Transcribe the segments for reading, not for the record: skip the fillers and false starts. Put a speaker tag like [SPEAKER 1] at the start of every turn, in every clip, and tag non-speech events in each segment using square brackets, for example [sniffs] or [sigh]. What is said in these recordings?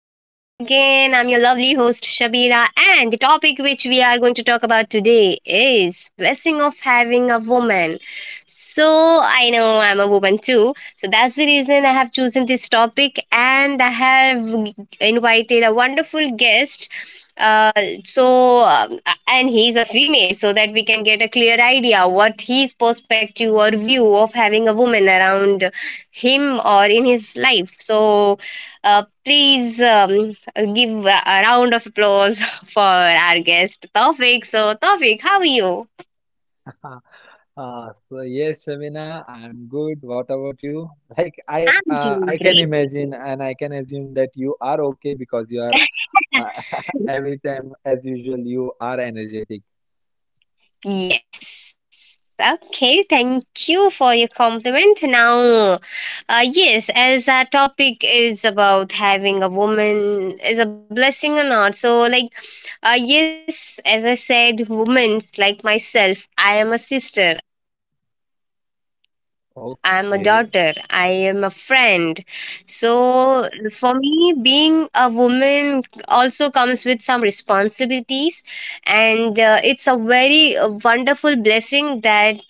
[SPEAKER 1] I'm your lovely host, Shabira, and the topic which we are going to talk about today is blessing of having a woman. So, I know I'm a woman too. So, that's the reason I have chosen this topic, and I have invited a wonderful guest. Uh, so um, and he's a female, so that we can get a clear idea what his perspective or view of having a woman around him or in his life. So, please give a round of applause [laughs] for our guest, Tawfiq. So, Tawfiq, how are you?
[SPEAKER 2] Uh, so yes, Shamina, I'm good. What about you? [laughs] Like I,
[SPEAKER 1] I'm
[SPEAKER 2] uh,
[SPEAKER 1] doing
[SPEAKER 2] I can
[SPEAKER 1] great.
[SPEAKER 2] imagine and I can assume that you are okay because you are
[SPEAKER 1] [laughs]
[SPEAKER 2] uh, [laughs] every time as usual you are energetic.
[SPEAKER 1] Yes. Okay, thank you for your compliment. Now, yes, as our topic is about having a woman is a blessing or not. So, like, yes, as I said, women like myself, I am a sister, I am a daughter, I am a friend.
[SPEAKER 2] Okay,
[SPEAKER 1] So, for me, being a woman also comes with some responsibilities, and it's a very wonderful blessing that I'm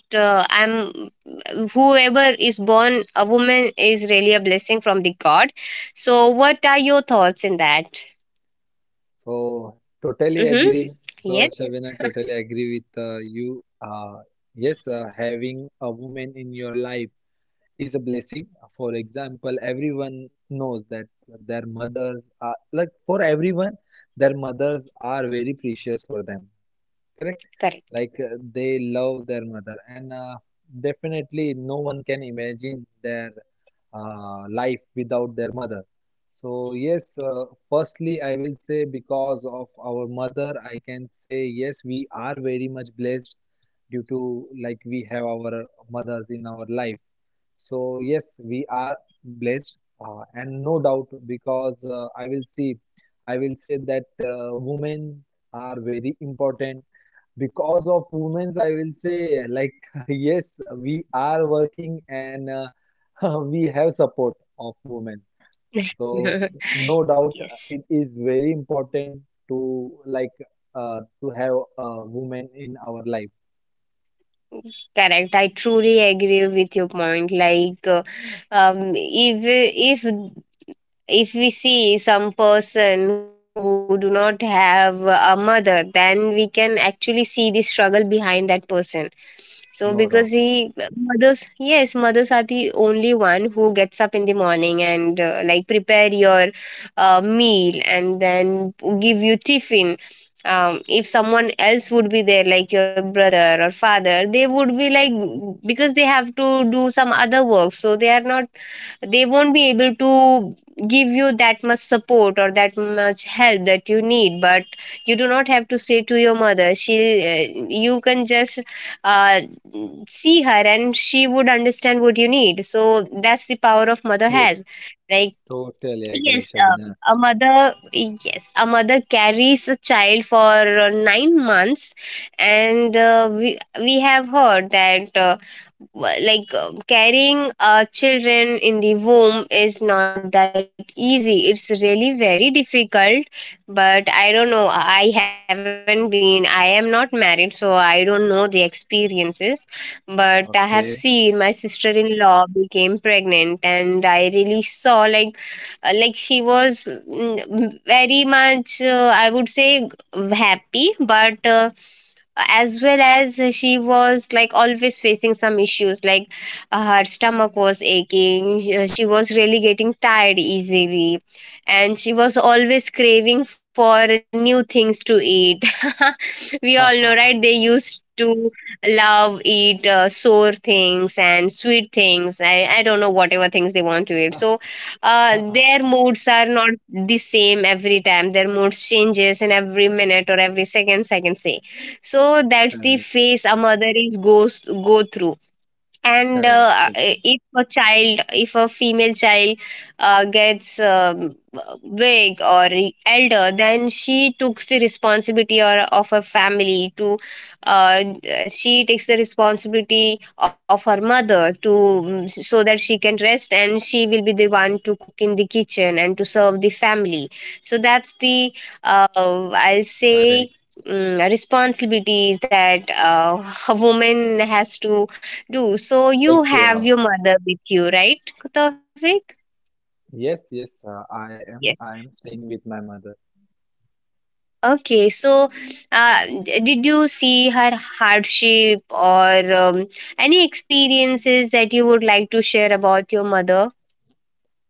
[SPEAKER 1] whoever is born a woman is really a blessing from the God. So, what are your thoughts in that?
[SPEAKER 2] so
[SPEAKER 1] Mm-hmm. Yes,
[SPEAKER 2] totally agree. So Shabina, totally agree with you. Yes, having a woman in your life is a blessing. For example, everyone knows that their mothers are like for everyone, their mothers are very precious for them, correct? Like
[SPEAKER 1] correct.
[SPEAKER 2] they love their mother, and definitely no one can imagine their life without their mother. So, yes, firstly, I will say because of our mother, I can say yes, we are very much blessed due to like we have our mothers in our life. So, yes, we are blessed, and no doubt because I will say that women are very important because of women's, I will say, like [laughs] yes, we are working and [laughs] we have support of women, so no
[SPEAKER 1] [laughs]
[SPEAKER 2] doubt,
[SPEAKER 1] Yes.
[SPEAKER 2] it is very important to like to have a woman in our life.
[SPEAKER 1] Correct. I truly agree with your point. Like, um, if if if we see some person who do not have a mother, then we can actually see the struggle behind that person, so because
[SPEAKER 2] No doubt.
[SPEAKER 1] he mothers, yes, mothers are the only one who gets up in the morning and like prepare your meal and then give you tiffin. If someone else would be there, like your brother or father, they would be like, because they have to do some other work, so they are not, they won't be able to give you that much support or that much help that you need. But you do not have to say to your mother, she, you can just uh, see her and she would understand what you need, so that's the power of mother
[SPEAKER 2] to-
[SPEAKER 1] has, like.
[SPEAKER 2] Totally agree,
[SPEAKER 1] Yes,
[SPEAKER 2] Shabina.
[SPEAKER 1] a mother. Yes, a mother carries a child for 9 months, and we have heard that carrying children in the womb is not that easy. It's really very difficult. But I don't know. I haven't been. I am not married, so I don't know the experiences. But I have
[SPEAKER 2] Okay.
[SPEAKER 1] seen my sister-in-law became pregnant, and I really saw like she was very much I would say happy, but as well as she was like always facing some issues, like her stomach was aching, she was really getting tired easily, and she was always craving for new things to eat. [laughs] We all know,
[SPEAKER 2] [laughs]
[SPEAKER 1] right, they used to love eat sour things and sweet things. I don't know whatever things they want to eat. So their moods are not the same every time, their moods changes in every minute or every seconds, I can say. So that's the
[SPEAKER 2] Correct.
[SPEAKER 1] phase a mother is goes go through. And
[SPEAKER 2] Correct, Shabina.
[SPEAKER 1] if a child, if a female child gets big or elder, then she takes the responsibility or of her family to, uh, she takes the responsibility of her mother to, so that she can rest and she will be the one to cook in the kitchen and to serve the family. So that's the,
[SPEAKER 2] Correct.
[SPEAKER 1] I'll say, responsibilities that [laughs] a woman has to do. So
[SPEAKER 2] Take
[SPEAKER 1] you
[SPEAKER 2] care of.
[SPEAKER 1] have your mother with you, right, Tawfiq?
[SPEAKER 2] Yes, yes,
[SPEAKER 1] Yes.
[SPEAKER 2] am I am staying with my mother.
[SPEAKER 1] Okay. So, did you see her hardship or any experiences that you would like to share about your mother?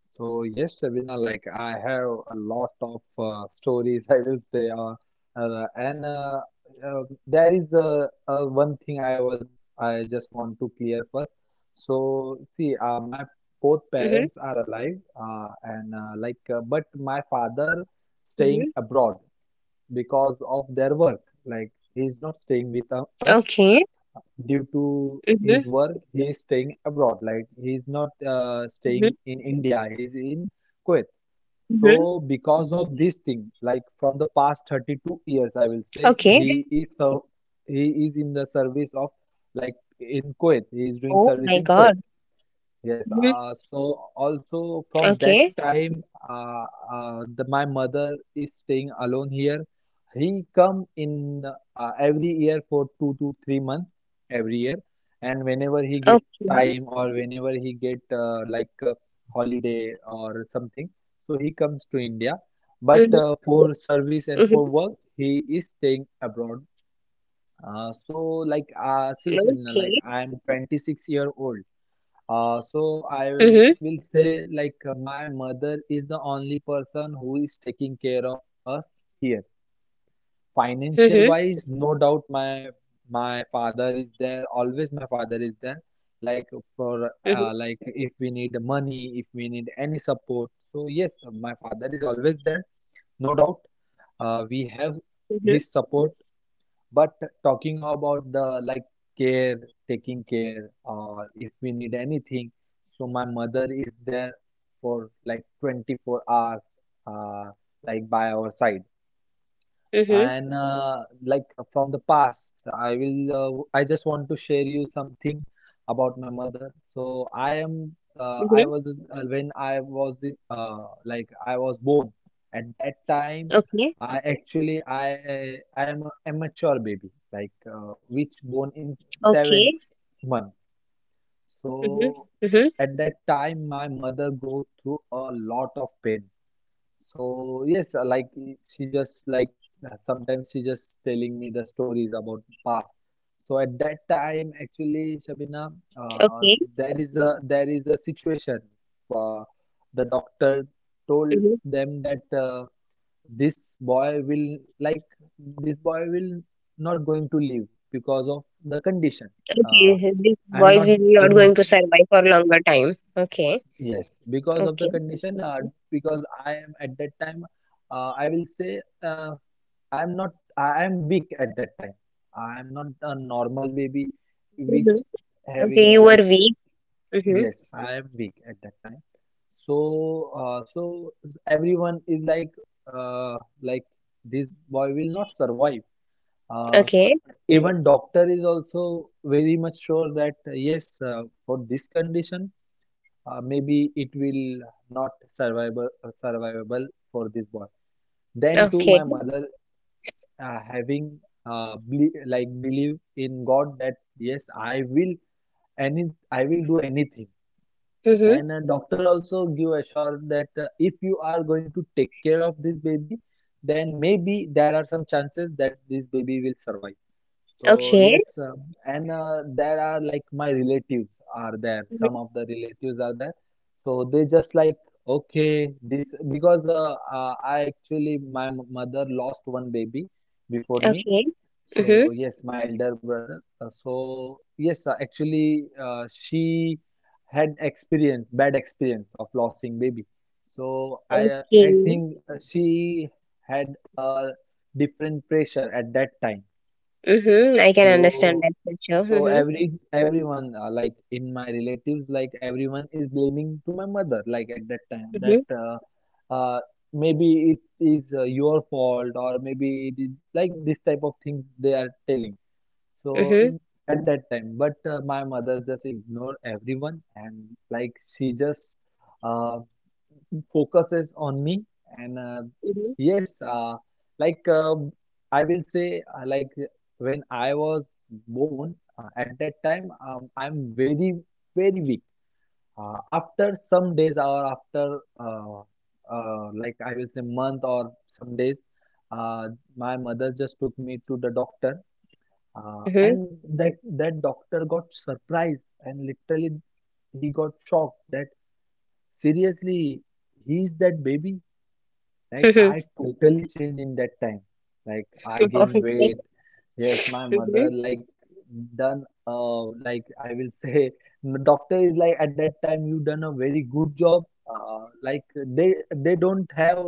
[SPEAKER 2] So yes, Shabina, like I have a lot of stories, [laughs] I will say, and there is one thing I just want to clear first. So see, my
[SPEAKER 1] Mm-hmm.
[SPEAKER 2] both parents are alive, but
[SPEAKER 1] Mm-hmm.
[SPEAKER 2] my father staying abroad because of their work. Like
[SPEAKER 1] Okay.
[SPEAKER 2] he is not staying with us
[SPEAKER 1] Mm-hmm.
[SPEAKER 2] due to his work, he is staying abroad.
[SPEAKER 1] Mm-hmm.
[SPEAKER 2] Like he is not
[SPEAKER 1] Mm-hmm.
[SPEAKER 2] staying in India. He is in Kuwait. So because of
[SPEAKER 1] Okay.
[SPEAKER 2] this thing,
[SPEAKER 1] Mhm.
[SPEAKER 2] like from the past 32 years, I will say he is in the service
[SPEAKER 1] Oh
[SPEAKER 2] of
[SPEAKER 1] my
[SPEAKER 2] like
[SPEAKER 1] God.
[SPEAKER 2] in Kuwait. He is doing
[SPEAKER 1] Mm-hmm.
[SPEAKER 2] service in Kuwait. Yes,
[SPEAKER 1] Okay.
[SPEAKER 2] so also from that time, my mother is staying alone here. He come in every year for 2 to 3 months every year, and
[SPEAKER 1] Okay.
[SPEAKER 2] whenever he get time or whenever he get holiday or something, so he comes to India.
[SPEAKER 1] Mm-hmm.
[SPEAKER 2] But for
[SPEAKER 1] Mm-hmm.
[SPEAKER 2] service and for work, he is staying abroad. So like see,
[SPEAKER 1] Okay.
[SPEAKER 2] Shimna, like I am 26-year old, so
[SPEAKER 1] Mm-hmm.
[SPEAKER 2] I will say like my mother is the only person who is taking care of us here.
[SPEAKER 1] Mm-hmm.
[SPEAKER 2] Financial wise, no doubt my father is there. Always my father is there. Like for like if we need money, if we need any support. So yes, my father is always there. No doubt. We have
[SPEAKER 1] Mm-hmm.
[SPEAKER 2] his support, but talking about the like care, taking care, or if we need anything, so my mother is there for like 24 hours, uh, like by our side,
[SPEAKER 1] Mm-hmm.
[SPEAKER 2] and like from the past, I just want to share you something about my mother. So I am I
[SPEAKER 1] Mm-hmm.
[SPEAKER 2] was when I was like I was born, at that time
[SPEAKER 1] Okay.
[SPEAKER 2] I actually I am a immature baby like which born in
[SPEAKER 1] Okay.
[SPEAKER 2] 7 months. So
[SPEAKER 1] Mm-hmm. Mm-hmm.
[SPEAKER 2] at that time my mother go through a lot of pain. So yes, she just like sometimes she just telling me the stories about past. So at that time,
[SPEAKER 1] Okay.
[SPEAKER 2] actually, Shabina, uh, there is a situation. Uh, the
[SPEAKER 1] Mhm.
[SPEAKER 2] doctor told them that this boy will like this boy will not going to live because of the condition.
[SPEAKER 1] Okay,
[SPEAKER 2] Uh,
[SPEAKER 1] this boy is
[SPEAKER 2] I'm not
[SPEAKER 1] not going to
[SPEAKER 2] in
[SPEAKER 1] survive for longer time. Okay,
[SPEAKER 2] Yes, because of the
[SPEAKER 1] okay.
[SPEAKER 2] condition, because I am at that time, uh, I will say uh, I am not, I am weak at that time. I am not a normal baby,
[SPEAKER 1] Hmm.
[SPEAKER 2] which
[SPEAKER 1] Okay,
[SPEAKER 2] having a
[SPEAKER 1] you
[SPEAKER 2] like,
[SPEAKER 1] were
[SPEAKER 2] s-
[SPEAKER 1] weak. Mm-hmm.
[SPEAKER 2] yes, I am weak at that time. So everyone is like, uh, like this boy will not survive. Uh,
[SPEAKER 1] Okay,
[SPEAKER 2] Even doctor is also very much sure that yes, for this condition maybe it will not survivable survivable for this boy. Then too my
[SPEAKER 1] okay.
[SPEAKER 2] mother having ble like believe in god that yes any I will do anything.
[SPEAKER 1] Mm-hmm.
[SPEAKER 2] And a doctor also give assurance that if you are going to take care of this baby then maybe there are some chances that this baby will survive. So
[SPEAKER 1] Okay,
[SPEAKER 2] yes, and there are like my relatives are there.
[SPEAKER 1] hmm,
[SPEAKER 2] Some of the relatives are there. So they just like okay this because I actually mother lost one baby before me.
[SPEAKER 1] okay. Mm-hmm.
[SPEAKER 2] So yes, my elder brother. Actually she had experience bad experience of losing baby. So I, I
[SPEAKER 1] Okay.
[SPEAKER 2] think she had a different pressure at that time.
[SPEAKER 1] Mm-hmm. I can
[SPEAKER 2] so,
[SPEAKER 1] understand that for sure. Mm-hmm.
[SPEAKER 2] every everyone, like in my relatives, like everyone is blaming to my mother. Like at that time,
[SPEAKER 1] Mm-hmm.
[SPEAKER 2] that uh, maybe it is your fault, or maybe it is like this type of things they are telling. So
[SPEAKER 1] Mm-hmm.
[SPEAKER 2] mm, at that time, but my mother just ignore everyone, and like she just uh, focuses on me and
[SPEAKER 1] Mm-hmm.
[SPEAKER 2] yes like I will say like when I was born, at that time I'm very very weak. After some days or after like I will say month or some days, uh, my mother just took me to the doctor, and that doctor got surprised and literally he got shocked that seriously he's that baby. Like
[SPEAKER 1] Mm-hmm.
[SPEAKER 2] I totally changed in that time. Like I
[SPEAKER 1] [laughs]
[SPEAKER 2] gain
[SPEAKER 1] Okay.
[SPEAKER 2] weight. Yes, my
[SPEAKER 1] Mm-hmm.
[SPEAKER 2] mother like done like I will say [laughs] doctor is like at that time you done a very good job. Like they don't have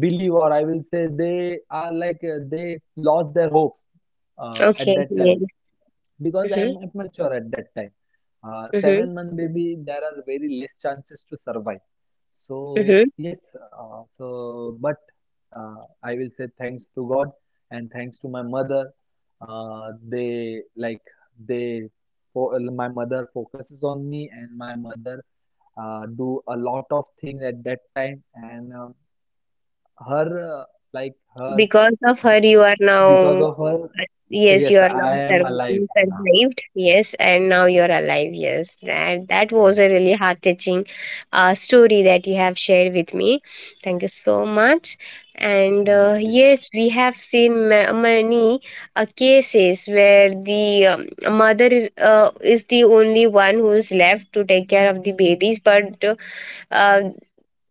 [SPEAKER 2] believe or I will say they are like they lost their hopes at
[SPEAKER 1] Okay.
[SPEAKER 2] that time
[SPEAKER 1] Yes.
[SPEAKER 2] because
[SPEAKER 1] Mm-hmm.
[SPEAKER 2] I'm immature at that time.
[SPEAKER 1] Mm-hmm.
[SPEAKER 2] 7 month baby, there are very less chances to survive. So
[SPEAKER 1] Mm-hmm.
[SPEAKER 2] yes, so but I will say thanks to God and thanks to my mother. They like they My mother focuses on me, and my mother do a lot of things at that time and her like her
[SPEAKER 1] Because of
[SPEAKER 2] uh,
[SPEAKER 1] her you are
[SPEAKER 2] because
[SPEAKER 1] now,
[SPEAKER 2] of her
[SPEAKER 1] yes you
[SPEAKER 2] yes
[SPEAKER 1] are now
[SPEAKER 2] I am
[SPEAKER 1] survived,
[SPEAKER 2] alive
[SPEAKER 1] you
[SPEAKER 2] now.
[SPEAKER 1] survived, yes, and now you're alive. Yes, that that
[SPEAKER 2] Yeah.
[SPEAKER 1] was a really heart touching story that you have shared with me. Thank you so much. And
[SPEAKER 2] Mm. Yes,
[SPEAKER 1] yes, we have seen many cases where the mother is the only one who's left to take care of the babies. But uh,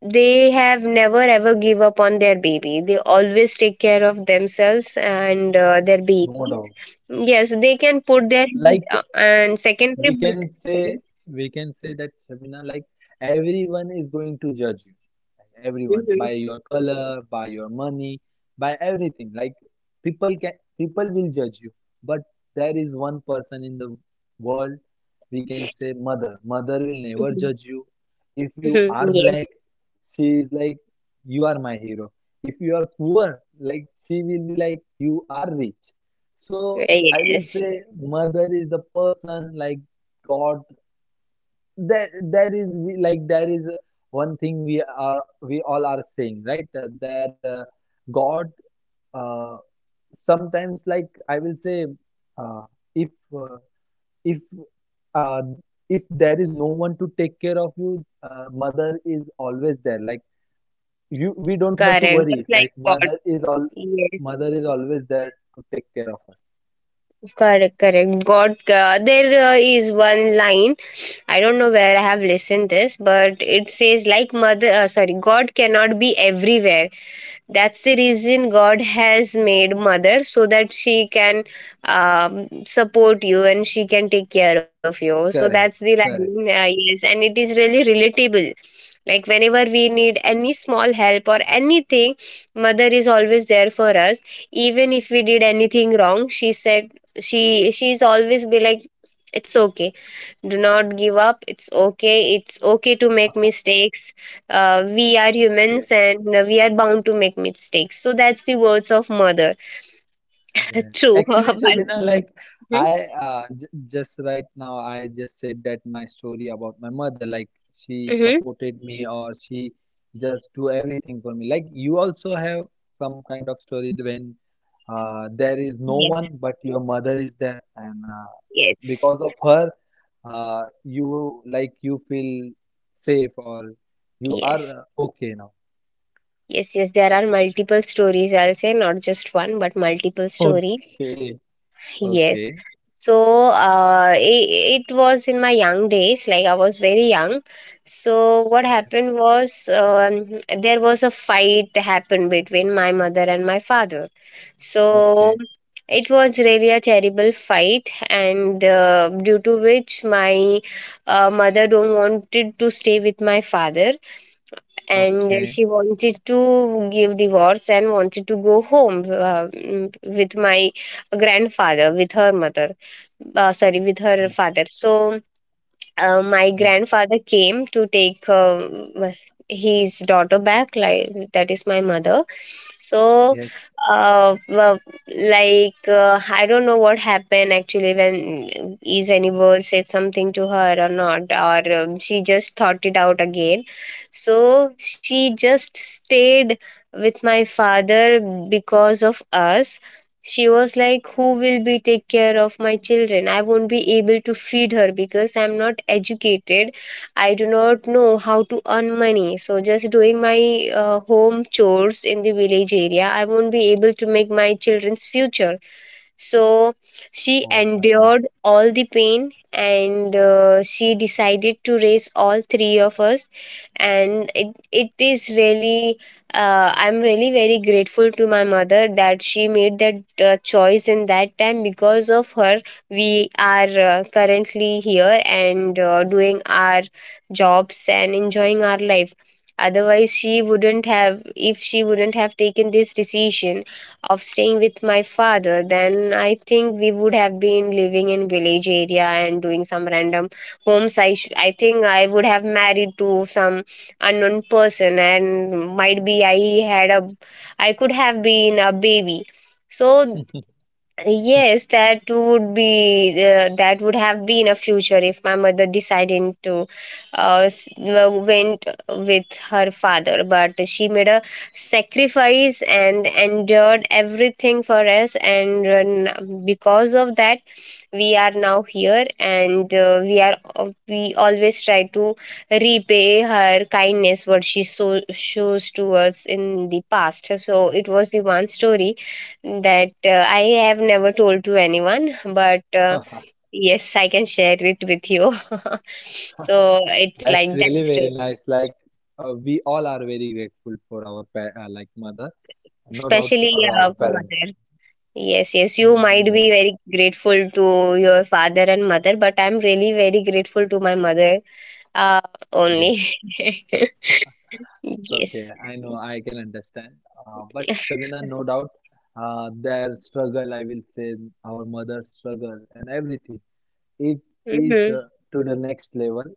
[SPEAKER 1] they have never ever give up on their baby, they always take care of themselves and
[SPEAKER 2] no
[SPEAKER 1] their
[SPEAKER 2] doubt.
[SPEAKER 1] baby. Yes, they can put
[SPEAKER 2] Like
[SPEAKER 1] their and
[SPEAKER 2] we can
[SPEAKER 1] secondary, but
[SPEAKER 2] say, we can say that Shabina, like everyone is going to judge you, like everyone by
[SPEAKER 1] Mhm.
[SPEAKER 2] your color, by your money, by everything. Like people can, people will judge you, but there is one person in the world, we can say mother. Mother will never
[SPEAKER 1] Mhm.
[SPEAKER 2] judge you. If you
[SPEAKER 1] Mhm.
[SPEAKER 2] are
[SPEAKER 1] Yes,
[SPEAKER 2] black, she is like you are my hero. If you are poor, like she will be like you are rich. So I will
[SPEAKER 1] yes,
[SPEAKER 2] say mother is the person like God. There is one thing we are we all are saying right. That God, uh, sometimes like I will say, uh, if uh, if uh, if there is no one to take care of you, mother is always there. We don't have to
[SPEAKER 1] correct,
[SPEAKER 2] worry.
[SPEAKER 1] just like
[SPEAKER 2] Like
[SPEAKER 1] God. Yes.
[SPEAKER 2] mother is always there to take care of us.
[SPEAKER 1] Correct, correct, God. There is one line, I don't know where I have listened this, but it says like mother, sorry, God cannot be everywhere. That's the reason God has made mother, so that she can support you and she can take care of you. So that's the
[SPEAKER 2] Correct,
[SPEAKER 1] line.
[SPEAKER 2] correct.
[SPEAKER 1] Yes, and it is really relatable. Like whenever we need any small help or anything, mother is always there for us. Even if we did anything wrong, she said, she's always be like, it's okay, do not give up, it's okay, it's okay to make mistakes, we are humans
[SPEAKER 2] [laughs]
[SPEAKER 1] and we are bound to make mistakes, so that's the words of mother.
[SPEAKER 2] Yes,
[SPEAKER 1] True. [laughs]
[SPEAKER 2] actually,
[SPEAKER 1] But
[SPEAKER 2] Shabina, like
[SPEAKER 1] Mhm,
[SPEAKER 2] I j just right now, I just said that my story about my mother, like she
[SPEAKER 1] mhm.
[SPEAKER 2] supported me or she just do everything for me. Like you also have some kind of story when there is no one
[SPEAKER 1] Yes,
[SPEAKER 2] but your mother is there, and
[SPEAKER 1] yes,
[SPEAKER 2] because of her, you feel safe or you are
[SPEAKER 1] yes,
[SPEAKER 2] okay now.
[SPEAKER 1] yes, yes, there are multiple stories, I'll say, not just one but multiple
[SPEAKER 2] [laughs]
[SPEAKER 1] story.
[SPEAKER 2] Okay,
[SPEAKER 1] Yes.
[SPEAKER 2] okay,
[SPEAKER 1] So uh, it, it was in my young days, like I was very young. So what
[SPEAKER 2] yes,
[SPEAKER 1] happened was, um, there was a fight happened between my mother and my father. So
[SPEAKER 2] okay,
[SPEAKER 1] it was really a terrible fight, and due to which my mother don't wanted to stay with my father, and
[SPEAKER 2] okay.
[SPEAKER 1] she wanted to give divorce and wanted to go home, with my grandfather, with her mother, sorry, with her father. So my
[SPEAKER 2] Yes,
[SPEAKER 1] grandfather came to take his daughter back, like that is my mother. So
[SPEAKER 2] yes.
[SPEAKER 1] uh, well, like I don't know what happened actually, when is anywhere said something to her or not, or she just thought it out again, so she just stayed with my father because of us. She was like, who will be take care of my children? I won't be able to feed her because I'm not educated. I do not know how to earn money. So just doing my home chores in the village area, I won't be able to make my children's future. So she
[SPEAKER 2] Oh my God.
[SPEAKER 1] endured all the pain and she decided to raise all three of us. And it is really, I'm really very grateful to my mother that she made that choice in that time. Because of her, we are currently here and doing our jobs and enjoying our life, otherwise she wouldn't have, if she wouldn't have taken this decision of staying with my father, then I think we would have been living in village area and doing some random homes. I think I would have married to some unknown person, and might be I had a, I could have been a baby. So yes, that would be, that would have been a future if my mother decided to, went with her father. But she made a sacrifice and endured everything for us, and because of that, we are now here, and we are, we always try to repay her kindness what she so shows to us in the past. So it was the one story that I have never told to anyone, but yes, I can share it with you. [laughs] So it's
[SPEAKER 2] That's
[SPEAKER 1] like that
[SPEAKER 2] really very
[SPEAKER 1] story.
[SPEAKER 2] nice. Like we all are very grateful for our pa like mother, no doubt,
[SPEAKER 1] Especially
[SPEAKER 2] or our parents.
[SPEAKER 1] mother. Yes, yes, you
[SPEAKER 2] Mm.
[SPEAKER 1] might be
[SPEAKER 2] Yes,
[SPEAKER 1] very grateful to your father and mother, but I'm really very grateful to my mother uh, only.
[SPEAKER 2] yes.
[SPEAKER 1] [laughs]
[SPEAKER 2] It's okay.
[SPEAKER 1] Yes.
[SPEAKER 2] I know. I can understand. But Shabina, no doubt, their struggle. I will say our mother's struggle and everything. It is
[SPEAKER 1] Mm-hmm.
[SPEAKER 2] to the next level.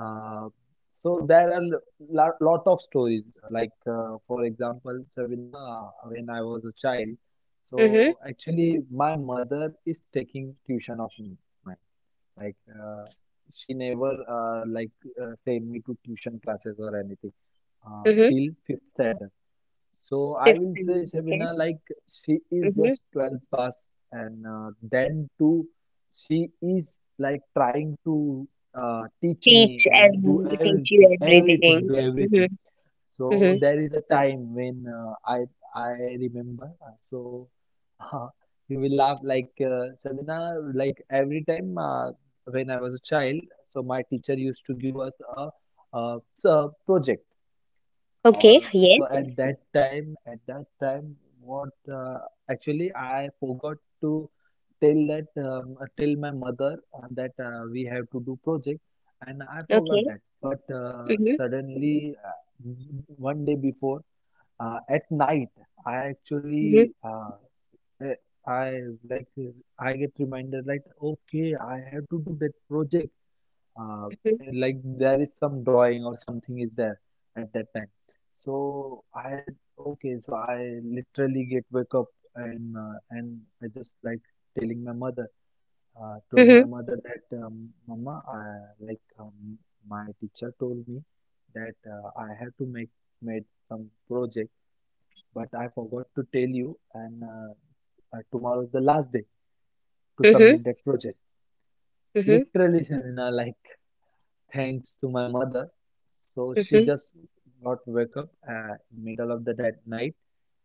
[SPEAKER 2] Uh, there are lot of stories. Like for example, Sabina, when I was a child,
[SPEAKER 1] Mm-hmm.
[SPEAKER 2] so actually my mother is taking tuition of mine. Like she never send me to tuition classes or anything
[SPEAKER 1] Mm-hmm.
[SPEAKER 2] till fifth standard. So I will
[SPEAKER 1] 15.
[SPEAKER 2] say
[SPEAKER 1] Okay.
[SPEAKER 2] Shabina, like she is
[SPEAKER 1] Mm-hmm.
[SPEAKER 2] just 12 past, and then too, she is like trying to teach me
[SPEAKER 1] Teach
[SPEAKER 2] and do
[SPEAKER 1] every, teach you everything.
[SPEAKER 2] everything, do
[SPEAKER 1] Mm-hmm.
[SPEAKER 2] everything.
[SPEAKER 1] Mm-hmm.
[SPEAKER 2] So there is a time when I remember. So [laughs] you will laugh like Shabina, like every time when I was a child. So my teacher used to give us a, project.
[SPEAKER 1] Okay.
[SPEAKER 2] Uh,
[SPEAKER 1] Yes.
[SPEAKER 2] so at that time, what actually I forgot to tell my mother that we have to do project, and I forgot
[SPEAKER 1] Okay.
[SPEAKER 2] that. But
[SPEAKER 1] Mm-hmm.
[SPEAKER 2] suddenly, one day before, at night, I
[SPEAKER 1] Mhm,
[SPEAKER 2] actually eh, I like I get reminder like okay, I have to do that project, uh,
[SPEAKER 1] mhm,
[SPEAKER 2] like there is some drawing or something is there at that time. So I Okay, so I literally get wake up and I just like telling my mother, told
[SPEAKER 1] mhm,
[SPEAKER 2] my mother that mama, like my teacher told me that I have to make made some project, but I forgot to tell you, and tomorrow is the last day to
[SPEAKER 1] mhm,
[SPEAKER 2] submit that project.
[SPEAKER 1] mhm,
[SPEAKER 2] Literally, [laughs] Shavina, like thanks to my mother. So she
[SPEAKER 1] mhm.
[SPEAKER 2] just got wake up middle of the that night,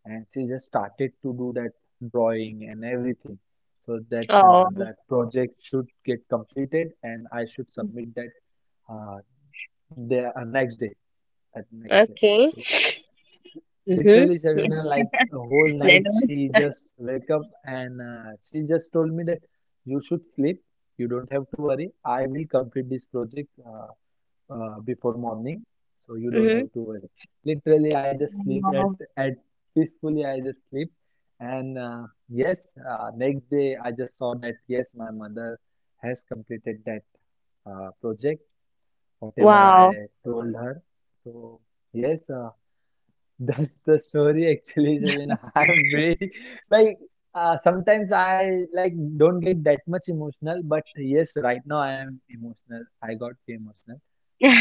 [SPEAKER 2] and she just started to do that drawing and everything, so that
[SPEAKER 1] Oh,
[SPEAKER 2] that project should get completed and I should submit that uh, the next day, at next day.
[SPEAKER 1] okay.
[SPEAKER 2] So
[SPEAKER 1] [sniffs] Mhm.
[SPEAKER 2] literally, Savina, like a whole night
[SPEAKER 1] Then,
[SPEAKER 2] she just wake up, and she just told me that you should sleep, you don't have to worry, I will complete this project, before morning, so you don't
[SPEAKER 1] mhm.
[SPEAKER 2] have to worry. Literally, I just sleep at
[SPEAKER 1] Wow.
[SPEAKER 2] at peacefully I just sleep. And yes, next day I just saw that yes, my mother has completed that project, whatever I
[SPEAKER 1] Wow.
[SPEAKER 2] told her. So yes, [laughs] that's the story actually, Javin. [laughs] I'm very like sometimes I like don't get that much emotional, but yes, right now I am emotional, I got emotional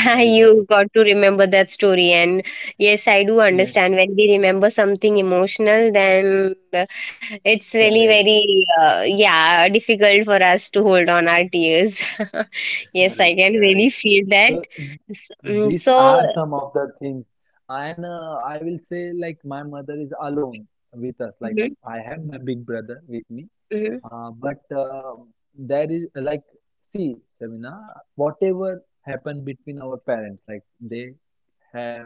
[SPEAKER 2] because of
[SPEAKER 1] You got
[SPEAKER 2] this.
[SPEAKER 1] to remember that story. And yes, I do
[SPEAKER 2] Yes,
[SPEAKER 1] understand when we remember something emotional, then it's really
[SPEAKER 2] correct,
[SPEAKER 1] very, yeah, difficult for us to hold on our tears. [laughs] Yes, I
[SPEAKER 2] correct,
[SPEAKER 1] can really
[SPEAKER 2] correct.
[SPEAKER 1] feel that.
[SPEAKER 2] So these
[SPEAKER 1] So,
[SPEAKER 2] are some of the things, and I will say like my mother is alone with us. Like
[SPEAKER 1] Mhm,
[SPEAKER 2] I have my big brother with me,
[SPEAKER 1] mhm,
[SPEAKER 2] but there is like, see, Sabina, whatever happened between our parents, like they have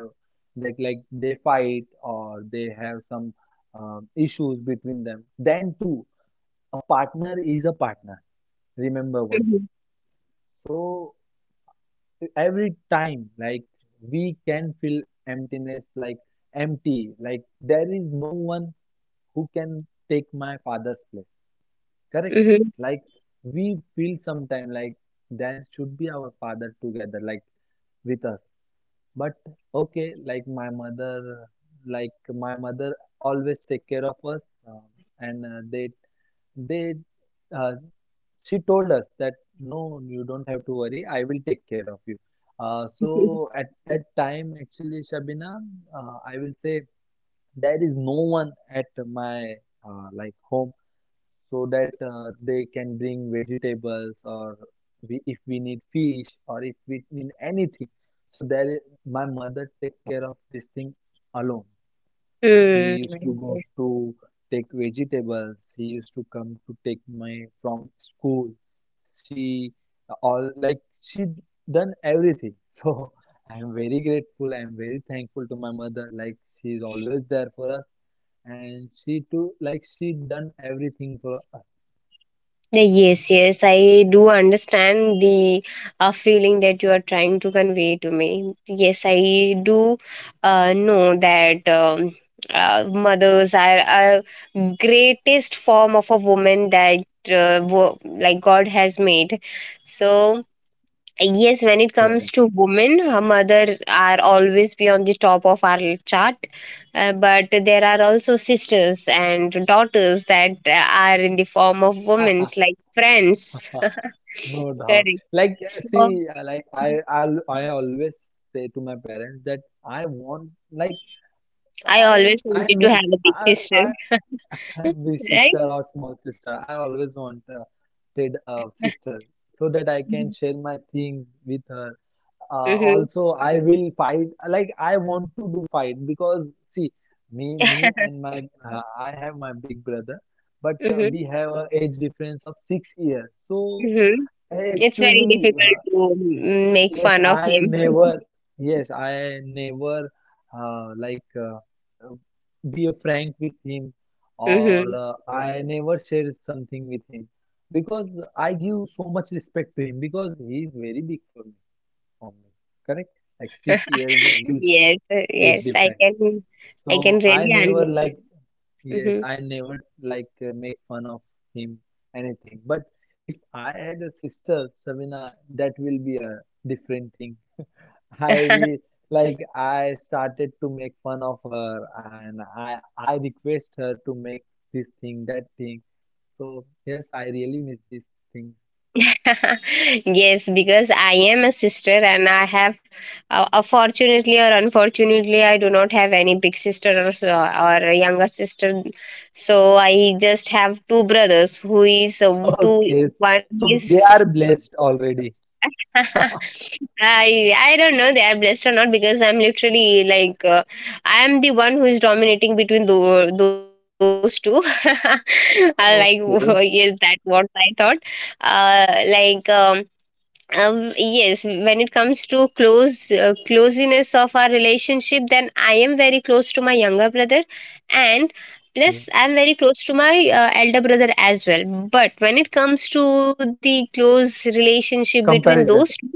[SPEAKER 2] like they fight or they have some issues between them. Then too, a partner is a partner. Remember one thing.
[SPEAKER 1] mhm,
[SPEAKER 2] So every time, like we can feel emptiness, like empty, like there is no one who can take my father's place, correct?
[SPEAKER 1] mhm.
[SPEAKER 2] Like we feel sometime like there should be our father together, like with us. But okay, like my mother always take care of us, and uh, they they, uh, she told us that no, you don't have to worry, I will take care of you. So
[SPEAKER 1] [laughs]
[SPEAKER 2] at that time, actually, Shabina, I will say there is no one at my like home, so that they can bring vegetables, or we, if we need fish or if we need anything. So there, my mother take care of this thing alone. She
[SPEAKER 1] Hmm.
[SPEAKER 2] used to go to take vegetables. She used to come to take my from school. She all, like she done everything. [laughs] So I am very grateful. I am very thankful to my mother. Like she is always there for us, and she too, like she done everything for us.
[SPEAKER 1] Yes, yes, I do understand the feeling that you are trying to convey to me. Yes, I do know that mothers are a greatest form of a woman that like God has made. So yes, when it comes
[SPEAKER 2] Correct.
[SPEAKER 1] to women, her mother are always be on the top of our chart, but there are also sisters and daughters that are in the form of women's
[SPEAKER 2] [laughs]
[SPEAKER 1] like friends
[SPEAKER 2] No
[SPEAKER 1] [laughs]
[SPEAKER 2] doubt.
[SPEAKER 1] correct.
[SPEAKER 2] Like,
[SPEAKER 1] So
[SPEAKER 2] see, like I always say to my parents that I want, like,
[SPEAKER 1] I
[SPEAKER 2] I am,
[SPEAKER 1] always
[SPEAKER 2] I
[SPEAKER 1] wanted to
[SPEAKER 2] miss,
[SPEAKER 1] have a big sister.
[SPEAKER 2] I
[SPEAKER 1] [laughs]
[SPEAKER 2] [laughs] be
[SPEAKER 1] Right.
[SPEAKER 2] sister or small sister. I always wanted a sister so that I
[SPEAKER 1] Mm-hmm.
[SPEAKER 2] can share my things with her. Also, I will fight. Like I want to do fight because see, me and
[SPEAKER 1] [laughs]
[SPEAKER 2] my I have my big brother, but
[SPEAKER 1] Hmm.
[SPEAKER 2] we have an age difference of 6 years. So
[SPEAKER 1] Hmm.
[SPEAKER 2] I
[SPEAKER 1] It's very
[SPEAKER 2] actually
[SPEAKER 1] difficult to make
[SPEAKER 2] yes,
[SPEAKER 1] fun of
[SPEAKER 2] I
[SPEAKER 1] him.
[SPEAKER 2] never, yes, I never uh, like uh, uh, be a frank with him, or
[SPEAKER 1] Hmm.
[SPEAKER 2] I never share something with him, because I give so much respect to him, because he is very big for me, for me, correct? Like 6 years, a huge
[SPEAKER 1] Yes,
[SPEAKER 2] age
[SPEAKER 1] yes,
[SPEAKER 2] difference.
[SPEAKER 1] I can
[SPEAKER 2] So I
[SPEAKER 1] really
[SPEAKER 2] never
[SPEAKER 1] understand.
[SPEAKER 2] like, yes,
[SPEAKER 1] Mhm.
[SPEAKER 2] I never like make fun of him, anything. But if I had a sister, Sabina, that will be a different thing. I will like I started to make fun of her, and I request her to make this thing, that thing. So yes, I really miss these things. [laughs]
[SPEAKER 1] [laughs] Yes, because I am a sister, and fortunately or unfortunately, I do not have any big sister or so, or a younger sister. So I just have two brothers, who is two.
[SPEAKER 2] Okay.
[SPEAKER 1] One
[SPEAKER 2] So
[SPEAKER 1] is
[SPEAKER 2] they are blessed already.
[SPEAKER 1] [laughs] I don't know they are blessed or not, because I'm literally like I'm the one who is dominating between those two. [laughs] I like [laughs] yes, that
[SPEAKER 2] Okay.
[SPEAKER 1] what I thought. Uh, like um, yes, when it comes to close closeness of our relationship, then I am very close to my younger brother, and plus
[SPEAKER 2] Okay.
[SPEAKER 1] I'm very close to my elder brother as well. But when it comes to the close relationship between
[SPEAKER 2] Comparison.
[SPEAKER 1] those two,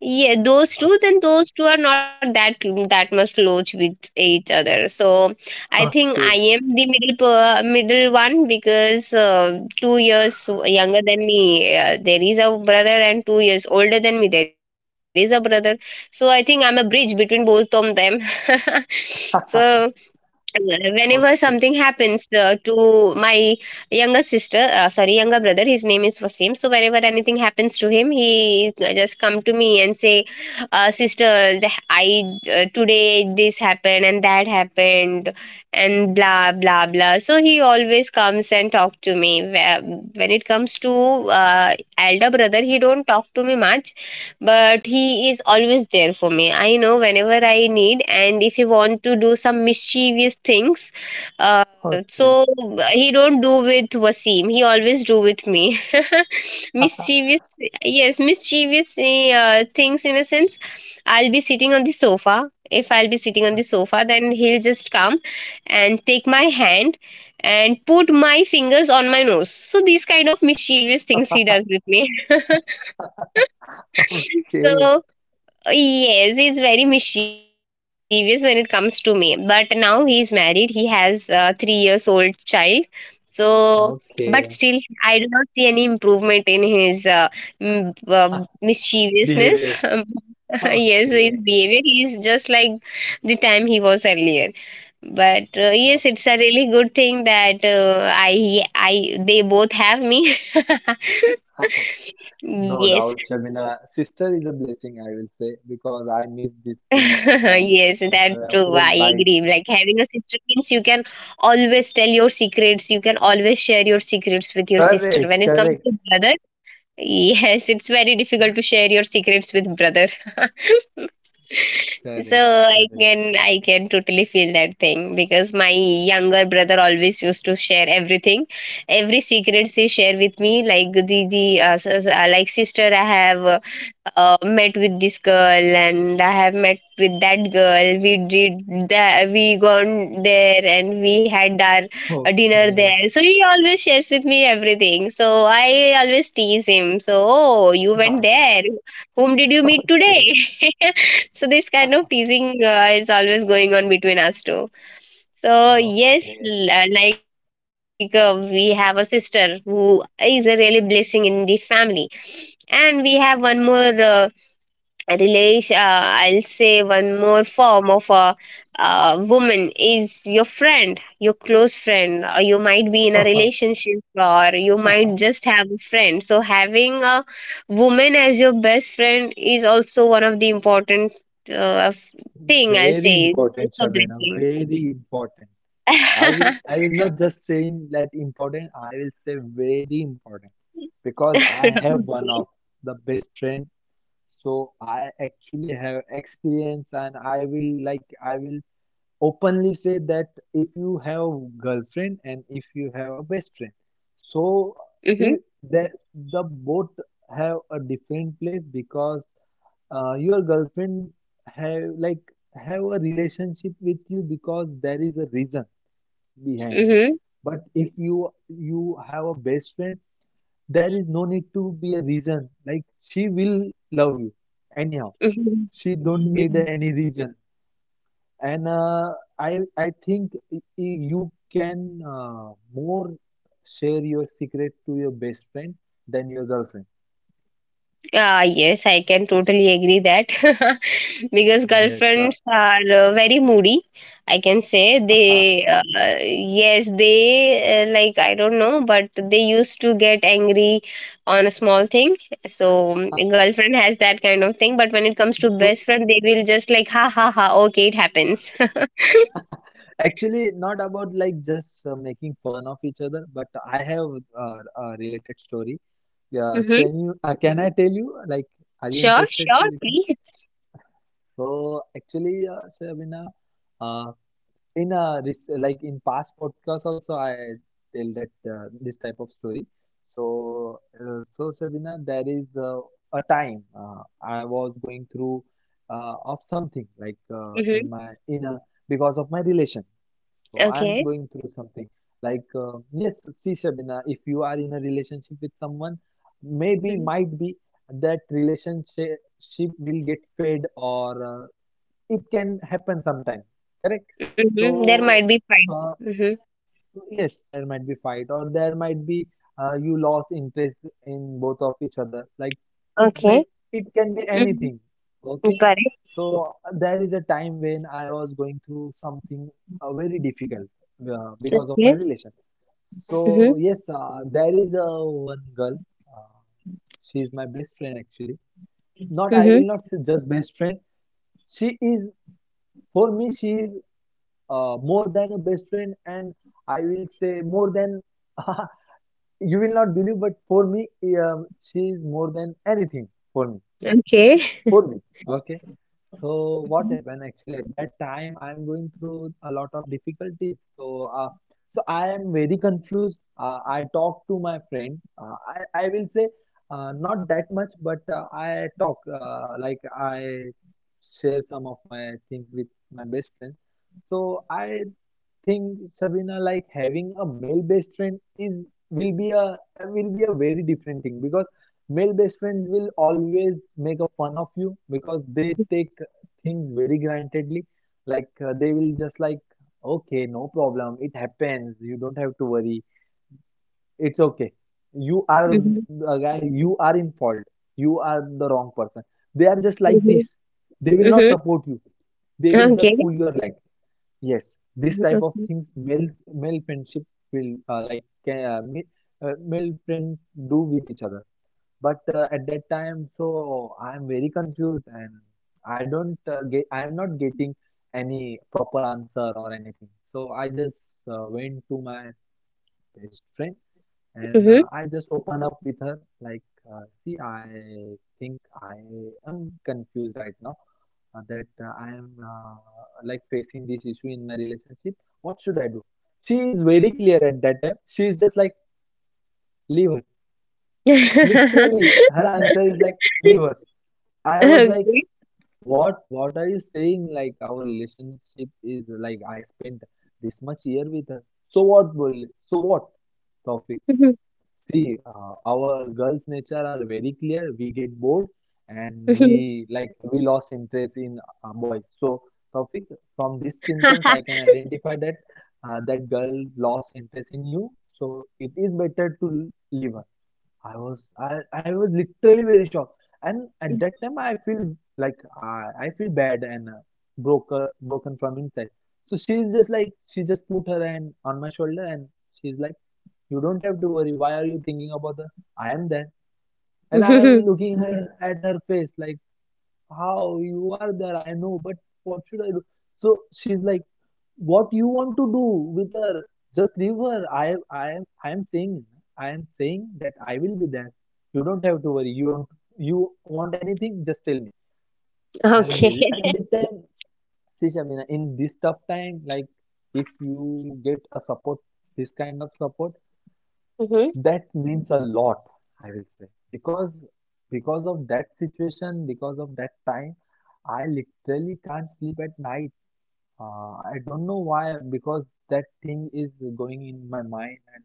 [SPEAKER 1] yeah, those two, then those two are not that much close with each other. So I think I
[SPEAKER 2] Okay.
[SPEAKER 1] am the middle one, because 2 years younger than me there is a brother, and 2 years older than me there is a brother. So I think I'm a bridge between both of them. [laughs] So
[SPEAKER 2] [laughs]
[SPEAKER 1] whenever something
[SPEAKER 2] Okay.
[SPEAKER 1] happens to my younger sister sorry younger brother, his name is Wasim, so whenever anything happens to him, he just come to me and say, sister, the- I today this happened and that happened, and blah blah blah. So he always comes and talk to me. When it comes to elder brother, he don't talk to me much, but he is always there for me. I know whenever I need, and if you want to do some mischievous things, uh,
[SPEAKER 2] Okay.
[SPEAKER 1] so he don't do with Wasim, he always do with me. [laughs] Mischievous, yes, mischievous things in a sense. I'll be sitting on the sofa, if I'll be sitting on the sofa, then he'll just come and take my hand and put my fingers on my nose. So these kind of mischievous things he does with me. [laughs]
[SPEAKER 2] Okay.
[SPEAKER 1] So yes, he's very mischievous when it comes to me. But now he's married. He has a 3 year old child. So, but still,
[SPEAKER 2] Okay.
[SPEAKER 1] I do not see any improvement in his
[SPEAKER 2] [laughs]
[SPEAKER 1] mischievousness.
[SPEAKER 2] Behavior.
[SPEAKER 1] [laughs] Yes, his
[SPEAKER 2] Okay.
[SPEAKER 1] behavior is just like the time he was earlier. But yes, it's
[SPEAKER 2] Okay.
[SPEAKER 1] a really good thing that they both have me.
[SPEAKER 2] [laughs]
[SPEAKER 1] [laughs]
[SPEAKER 2] No
[SPEAKER 1] Yes.
[SPEAKER 2] doubt, Shabina. Sister is a blessing, I will say, because
[SPEAKER 1] [laughs]
[SPEAKER 2] I miss this thing
[SPEAKER 1] Yes, that
[SPEAKER 2] um,
[SPEAKER 1] too. I agree.
[SPEAKER 2] whole
[SPEAKER 1] Like
[SPEAKER 2] life.
[SPEAKER 1] having a sister means you can always tell your secrets. You can always share your secrets with your sister. When it
[SPEAKER 2] Correct,
[SPEAKER 1] comes to
[SPEAKER 2] correct,
[SPEAKER 1] brother, [laughs] yes, it's very difficult to share your secrets with brother. [laughs]
[SPEAKER 2] correct,
[SPEAKER 1] So
[SPEAKER 2] correct.
[SPEAKER 1] I can totally feel that thing, because my younger brother always used to share everything, every secrets he share with me. Like like sister, I have met with this girl, and I have met with that girl. We did that. We gone there and we had our dinner
[SPEAKER 2] Okay,
[SPEAKER 1] there. So he always shares with me everything. So I always tease him. So oh, you went
[SPEAKER 2] nice.
[SPEAKER 1] there. Whom did you meet today?
[SPEAKER 2] [laughs]
[SPEAKER 1] [laughs] So this kind of teasing is always going on between us two. So
[SPEAKER 2] Okay,
[SPEAKER 1] yes,
[SPEAKER 2] okay.
[SPEAKER 1] we have a sister who is a really blessing in the family, and we have one more. Relation, I'll say one more form of a woman is your friend, your close friend, or you might be in a
[SPEAKER 2] [laughs]
[SPEAKER 1] relationship, or you might just have a friend. So having a woman as your best friend is also one of the important uh, f- thing, I'll
[SPEAKER 2] Very
[SPEAKER 1] say
[SPEAKER 2] important,
[SPEAKER 1] it's a
[SPEAKER 2] Shabina.
[SPEAKER 1] blessing.
[SPEAKER 2] Very important.
[SPEAKER 1] [laughs]
[SPEAKER 2] I will not just saying that important. I will say very important, because I have one of the best friend. So I actually have experience, and I will like I will openly say that if you have girlfriend and if you have a best friend, so
[SPEAKER 1] Mm-hmm,
[SPEAKER 2] if the both have a different place, because your girlfriend have like have a relationship with you because there is a reason behind it.
[SPEAKER 1] mm-hmm,
[SPEAKER 2] But if you have a best friend, there is no need to be a reason. Like she will love you anyhow.
[SPEAKER 1] mm-hmm.
[SPEAKER 2] She don't need any reason. And I think you can more share your secret to your best friend than your girlfriend.
[SPEAKER 1] Ah, yes, I can totally agree that. [laughs] Because
[SPEAKER 2] Yes.
[SPEAKER 1] girlfriends are very moody, I can say.
[SPEAKER 2] [laughs]
[SPEAKER 1] They Yes, they like, I don't know, but they used to get angry on a small thing. So girlfriend has that kind of thing, but when it comes to best
[SPEAKER 2] So
[SPEAKER 1] friend, they will just like ha ha ha okay it happens. [laughs]
[SPEAKER 2] actually, not about like just making fun of each other, but I have a related story. Yeah,
[SPEAKER 1] Mm-hmm.
[SPEAKER 2] can you? Can I tell you? Like, are you
[SPEAKER 1] Sure,
[SPEAKER 2] interested
[SPEAKER 1] sure,
[SPEAKER 2] to listen?
[SPEAKER 1] please.
[SPEAKER 2] So actually, Sabina, uh, uh, in a like in past podcast also I tell that this type of story. So so Sabina, there is a time I was going through of something like
[SPEAKER 1] Mm-hmm.
[SPEAKER 2] in a because of my relation. So
[SPEAKER 1] Okay.
[SPEAKER 2] I'm going through something like yes, see Sabina, if you are in a relationship with someone, maybe might be that relationship will get fade, or it can happen sometime, correct?
[SPEAKER 1] Mm-hmm. There might
[SPEAKER 2] So
[SPEAKER 1] be fight.
[SPEAKER 2] uh,
[SPEAKER 1] Mm-hmm.
[SPEAKER 2] yes, there might be fight, or there might be you lost interest in both of each other, like it may
[SPEAKER 1] Okay.
[SPEAKER 2] it can be
[SPEAKER 1] Mm-hmm.
[SPEAKER 2] anything, okay?
[SPEAKER 1] Correct.
[SPEAKER 2] So there is a time when I was going through something very difficult because of my
[SPEAKER 1] Okay.
[SPEAKER 2] relation. So
[SPEAKER 1] Mm-hmm.
[SPEAKER 2] yes, there is a one girl, uh, she is my best friend actually, not I
[SPEAKER 1] Mm-hmm.
[SPEAKER 2] will not say just best friend, she is for me, she is more than a best friend, and I will say more than [laughs] you will not believe, but for me she is more than anything for me,
[SPEAKER 1] Okay.
[SPEAKER 2] for me okay? So what happened actually at that time, I am going through a lot of difficulties, so so I am very confused, I talk to my friend, I will say not that much, but I talk like I share some of my things with my best friend. So I think, Sabina, like having a male best friend is will be a uh, will be a very different thing, because male best friends will always make a fun of you, because they take things very grantedly. Like they will just like, okay, no problem, it happens. You don't have to worry. It's okay. You are
[SPEAKER 1] Mhm.
[SPEAKER 2] a guy. You are in fault. You are the wrong person. They are just like
[SPEAKER 1] Mhm.
[SPEAKER 2] this. They will not
[SPEAKER 1] Mhm.
[SPEAKER 2] support you. They will
[SPEAKER 1] Okay.
[SPEAKER 2] just pull your leg. Yes, this type of
[SPEAKER 1] Mhm,
[SPEAKER 2] things males male friendship will male friends do with each other. But at that time, so I am very confused, and I don't get I am not getting any proper answer or anything. So I just went to my best friend,
[SPEAKER 1] mhm,
[SPEAKER 2] and
[SPEAKER 1] mhm.
[SPEAKER 2] I just open up with her like, see, I think I am confused right now, that I am like facing this issue in my relationship. What should I do? She is very clear at that time. She is just like, leave her.
[SPEAKER 1] [laughs]
[SPEAKER 2] Literally, her answer is like, leave her. I was like,
[SPEAKER 1] Okay.
[SPEAKER 2] what? What are you saying? Like, our relationship is like, I spent this much year with her. So what, Bulli? So what, Taufik?
[SPEAKER 1] Mhm,
[SPEAKER 2] See, our girls' nature are very clear. We get bored, and
[SPEAKER 1] mhm.
[SPEAKER 2] we like we lost interest in boys. So, Taufik, from these symptoms, I
[SPEAKER 1] [laughs]
[SPEAKER 2] can identify that that girl lost interest in you. So it is better to leave her. I was literally very shocked, and at that time I feel like I feel bad, and broken from inside. So she's just like she just put her hand on my shoulder, and she's like you don't have to worry. Why are you thinking about the I am there? And I am
[SPEAKER 1] Mhm.
[SPEAKER 2] looking her, at her face like, how you are there? I know, but what should I do? So she's like, what you want to do with her? Just leave her. I am saying that I will be there. You don't have to worry. You want anything? Just tell me. I am
[SPEAKER 1] Okay.
[SPEAKER 2] very at that time. See, Shamina, in this tough time, like if you get a support, this kind of support,
[SPEAKER 1] Mhm.
[SPEAKER 2] that means a lot, I will say, because of that situation, because of that time, I literally can't sleep at night. I don't know why, because that thing is going in my mind and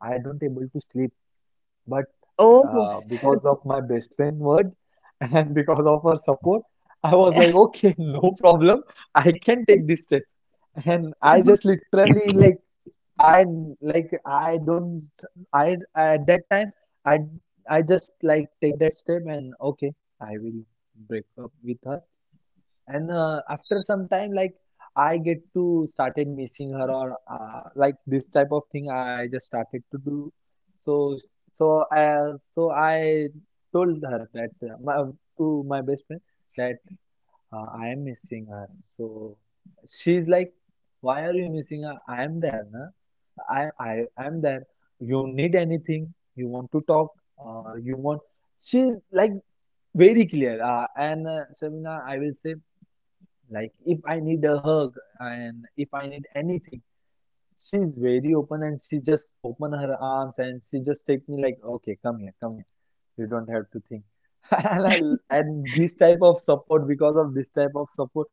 [SPEAKER 2] I don't able to sleep. But
[SPEAKER 1] Oh.
[SPEAKER 2] because of my best friend word [laughs] and because of her support, I was like, okay, [laughs] no problem. I can take this step. And I just literally I like I don't I at that time I I just like take that step, and okay I will break up with her, and after some time like I get to started missing her or like this type of thing I just started to do. So so I told her, that to my best friend, that I am missing her. So she's like, why are you missing her? I am there, na? I am there. You need anything, you want to talk, or you want. She's like very clear. And Shamina, I will say, like, if I need a hug and if I need anything, she's very open and she just open her arms and she just take me like, okay, come here, come here. You don't have to think. [laughs] And, and this type of support, because of this type of support,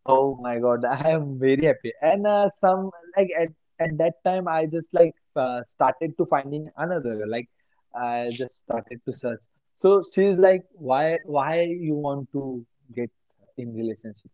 [SPEAKER 2] oh my God, [laughs] I am very happy. And some like at that time, I just like started to finding another girl. Like I just started to search. So she's like, why you want to get in relationship?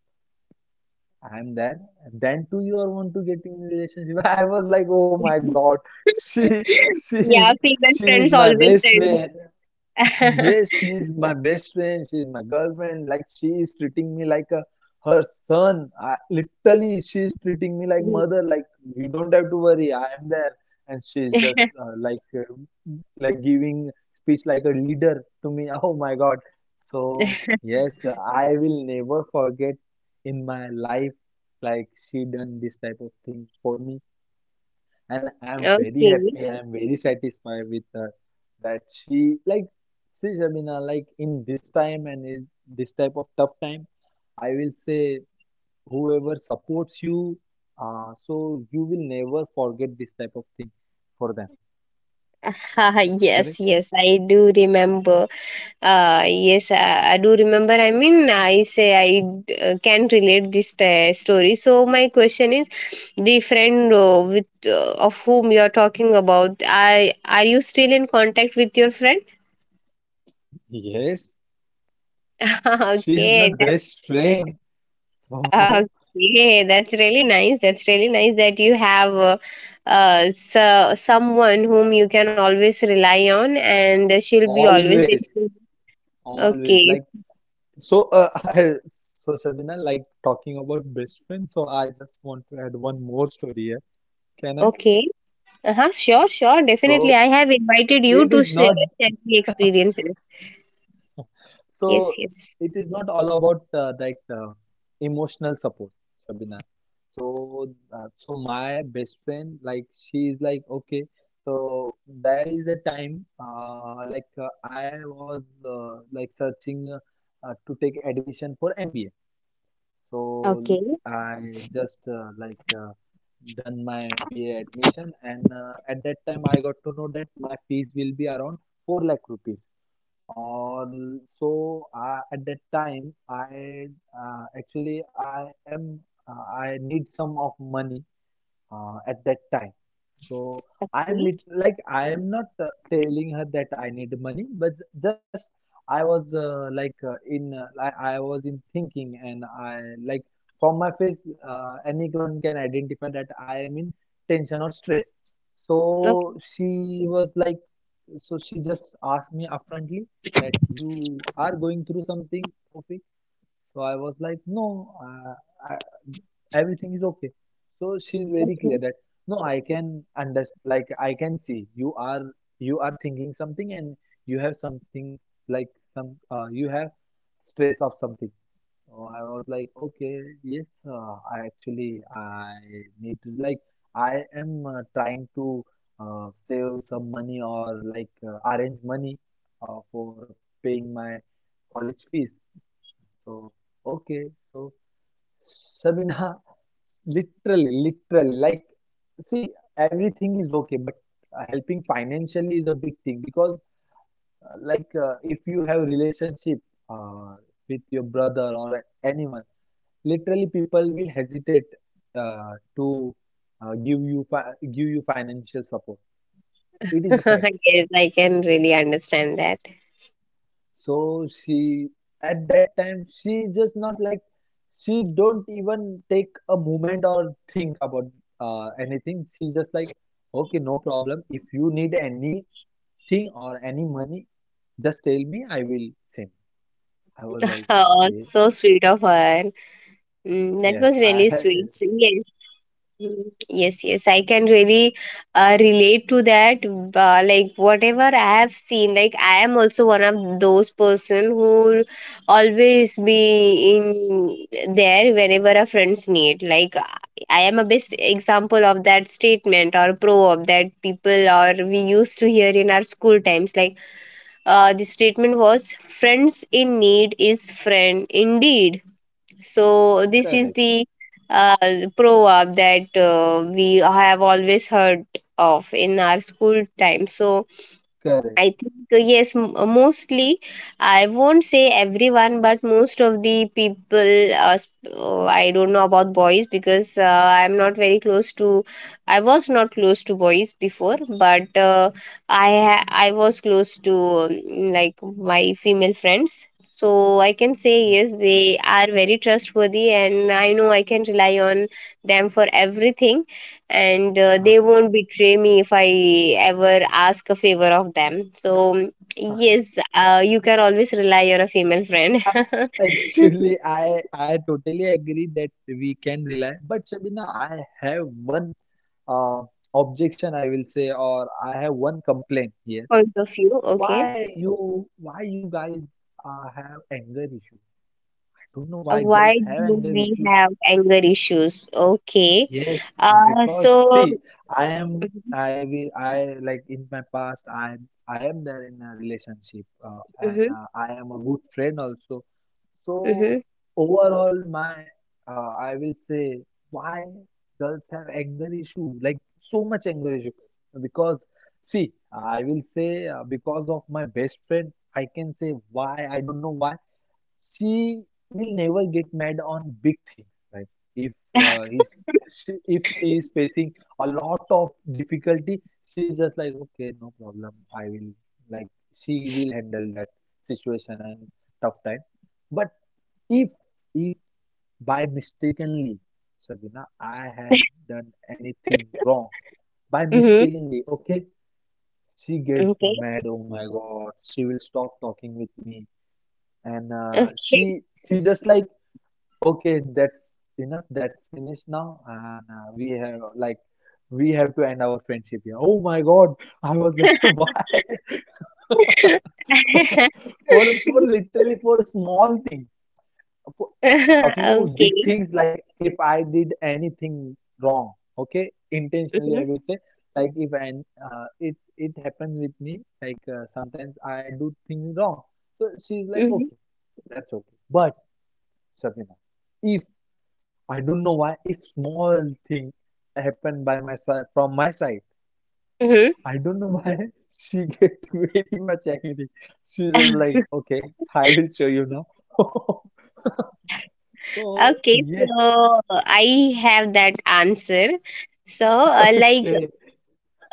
[SPEAKER 2] I'm there. And then too you are want to get in relationship. [laughs] I was like, oh my God, [laughs] she
[SPEAKER 1] [laughs] Yeah,
[SPEAKER 2] she's
[SPEAKER 1] female
[SPEAKER 2] she's
[SPEAKER 1] friends
[SPEAKER 2] my
[SPEAKER 1] always
[SPEAKER 2] best friend.
[SPEAKER 1] friends.
[SPEAKER 2] Yes,
[SPEAKER 1] [laughs]
[SPEAKER 2] she's my best friend. She's my girlfriend. Like she is treating me like a her son. Literally, she is treating me like
[SPEAKER 1] Mhm.
[SPEAKER 2] mother. Like you don't have to worry. I am there. And she's just like giving speech like a leader to me. [laughs] Oh my God. So yes, I will never forget in my life like she done this type of thing for me, and I'm very
[SPEAKER 1] Okay.
[SPEAKER 2] happy. I'm very satisfied with her, that she like see Shabina, like in this time and in this type of tough time, I will say whoever supports you, so you will never forget this type of thing for them.
[SPEAKER 1] [laughs] Haha, yes,
[SPEAKER 2] Correct?
[SPEAKER 1] yes, I do remember. Yes, I, do remember. I mean, I can relate this story. So my question is, the friend with of whom you are talking about, I are you still in contact with your friend?
[SPEAKER 2] Yes,
[SPEAKER 1] [laughs]
[SPEAKER 2] she is my
[SPEAKER 1] Okay,
[SPEAKER 2] best friend. So
[SPEAKER 1] okay, that's really nice. That's really nice that you have. So someone whom you can always rely on, and
[SPEAKER 2] [laughs]
[SPEAKER 1] she'll be always there
[SPEAKER 2] always,
[SPEAKER 1] for you.
[SPEAKER 2] always,
[SPEAKER 1] Okay,
[SPEAKER 2] like so. [laughs] So Shabina, like talking about best friend. So I just want to add one more story here. Can I?
[SPEAKER 1] okay. Uh-huh, sure, sure, definitely.
[SPEAKER 2] So
[SPEAKER 1] I have invited you
[SPEAKER 2] it
[SPEAKER 1] to
[SPEAKER 2] is not
[SPEAKER 1] share share the experiences.
[SPEAKER 2] so
[SPEAKER 1] Yes, yes.
[SPEAKER 2] it is not all about emotional support, Shabina. So my best friend, like she is like okay. So there is a time, I was like searching to take admission for MBA. So
[SPEAKER 1] Okay.
[SPEAKER 2] I just done my MBA admission, and at that time I got to know that my fees will be around 4 lakh rupees. Or so at that time I, actually I am, I need some of money at that time. So I am
[SPEAKER 1] Okay.
[SPEAKER 2] lit like I am not telling her that I need money, but just I was, in I was in thinking, and I like from my face anyone can identify that I am in tension or stress. So she was like, so she just asked me upfrontly that you are going through something, Tofik. So I was like, no, I, everything is okay. So she's very
[SPEAKER 1] Okay.
[SPEAKER 2] clear that, no, I can understand. Like I can see you are thinking something, and you have something, like some, you have stress of something. So I was like, okay, yes, I actually I need to, like I am trying to save some money, or like arrange money for paying my college fees. So, okay, so Sabina, [laughs] literally, like, see, everything is okay, but helping financially is a big thing, because like, if you have relationship uh, with your brother or anyone, literally people will hesitate to give you financial support. It
[SPEAKER 1] [laughs]
[SPEAKER 2] is a fact.
[SPEAKER 1] Yes, I can really understand that.
[SPEAKER 2] So she at that time she just not like she don't even take a moment or think about anything. She just like, okay, no problem. If you need anything or any money, just tell me. I will send. I was like,
[SPEAKER 1] Oh,
[SPEAKER 2] okay,
[SPEAKER 1] so sweet of her. Mm, that
[SPEAKER 2] yes,
[SPEAKER 1] was
[SPEAKER 2] I
[SPEAKER 1] really
[SPEAKER 2] [laughs]
[SPEAKER 1] sweet. So, yes. Mhm. Yes, yes, I can really relate to that. Like whatever I have seen, like I am also one of those person who always be in there whenever our friends need. Like I am a best example of that statement or proverb that people or we used to hear in our school times. Like the statement was, "Friends in need is friend indeed." So this is
[SPEAKER 2] correct,
[SPEAKER 1] the proverb that we have always heard of in our school time. So
[SPEAKER 2] correct.
[SPEAKER 1] I think yes, mostly. I won't say everyone, but most of the people. I don't know about boys, because I'm not very close to. I was not close to boys before, but I was close to like my female friends. So I can say yes,
[SPEAKER 2] Okay.
[SPEAKER 1] they are very trustworthy, and I know I can rely on them for everything, and they
[SPEAKER 2] [laughs]
[SPEAKER 1] won't betray me if I ever ask a favor of them. So, yes, you can always rely on a female friend.
[SPEAKER 2] Uh,
[SPEAKER 1] [laughs]
[SPEAKER 2] Actually, I totally agree that we can rely, but Shabina, I have one uh, objection, I will say, or I have one complaint here.
[SPEAKER 1] Point of view, okay.
[SPEAKER 2] Why you guys have anger issue? I don't know why
[SPEAKER 1] Why
[SPEAKER 2] girls have
[SPEAKER 1] do
[SPEAKER 2] anger
[SPEAKER 1] we
[SPEAKER 2] issue.
[SPEAKER 1] have anger issues? Okay.
[SPEAKER 2] Yes, because
[SPEAKER 1] So,
[SPEAKER 2] see, I am, I will, I like in my past, I am there in a relationship, uh, and
[SPEAKER 1] hmm.
[SPEAKER 2] uh, I am a good friend also. So
[SPEAKER 1] Hmm.
[SPEAKER 2] overall, I will say, why girls have anger issue, like so much anger issue, because see, I will say because of my best friend, I can say why, I don't know why, she will never get mad on big things, right? If uh, he's if she is facing a lot of difficulty, she is just like, okay, no problem, I will like she will handle that situation and tough time. But if if by mistakenly, Sabina, I had done anything wrong by
[SPEAKER 1] Hmm.
[SPEAKER 2] mistakenly, okay, she get
[SPEAKER 1] Okay,
[SPEAKER 2] mad, oh my God, she will stop talking with me, and uh,
[SPEAKER 1] okay.
[SPEAKER 2] she she just like, okay, that's enough. That's finished now, and we have to end our friendship here. Oh my God, I was like, [laughs] why?
[SPEAKER 1] [laughs]
[SPEAKER 2] [laughs]
[SPEAKER 1] [laughs]
[SPEAKER 2] For literally, for a small thing. For, talking about big
[SPEAKER 1] Okay.
[SPEAKER 2] things, like if I did anything wrong, okay, intentionally, I will
[SPEAKER 1] Hmm.
[SPEAKER 2] say, like if and it happens with me, like sometimes I do things wrong. So she's like, okay,
[SPEAKER 1] Hmm.
[SPEAKER 2] that's okay. But Sabina, if I don't know why a small thing happened by my side, from my side.
[SPEAKER 1] Hmm.
[SPEAKER 2] I don't know why [laughs] she get [laughs] very much angry. She's just like, okay, I will show you now. [laughs] So
[SPEAKER 1] Okay,
[SPEAKER 2] yes,
[SPEAKER 1] so I have that answer. So,
[SPEAKER 2] okay,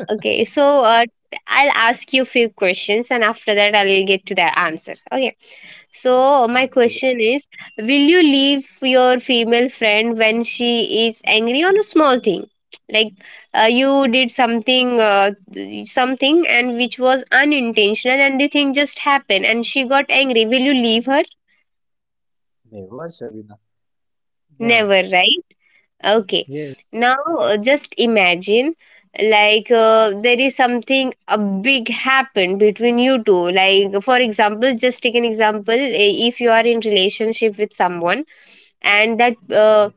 [SPEAKER 1] okay, so I'll ask you few questions, and after that, I'll get to the answer. Okay, so my
[SPEAKER 2] okay,
[SPEAKER 1] question is, will you leave your female friend when she is angry on a small thing, like you did something, something, and which was unintentional, and the thing just happened, and she got angry? Will you leave her?
[SPEAKER 2] never, Shabina, never.
[SPEAKER 1] Never, right? Okay.
[SPEAKER 2] Yes,
[SPEAKER 1] Now, just imagine, like there is something a big happened between you two. Like, for example, just take an example, eh, if you are in relationship with someone, and that
[SPEAKER 2] yeah.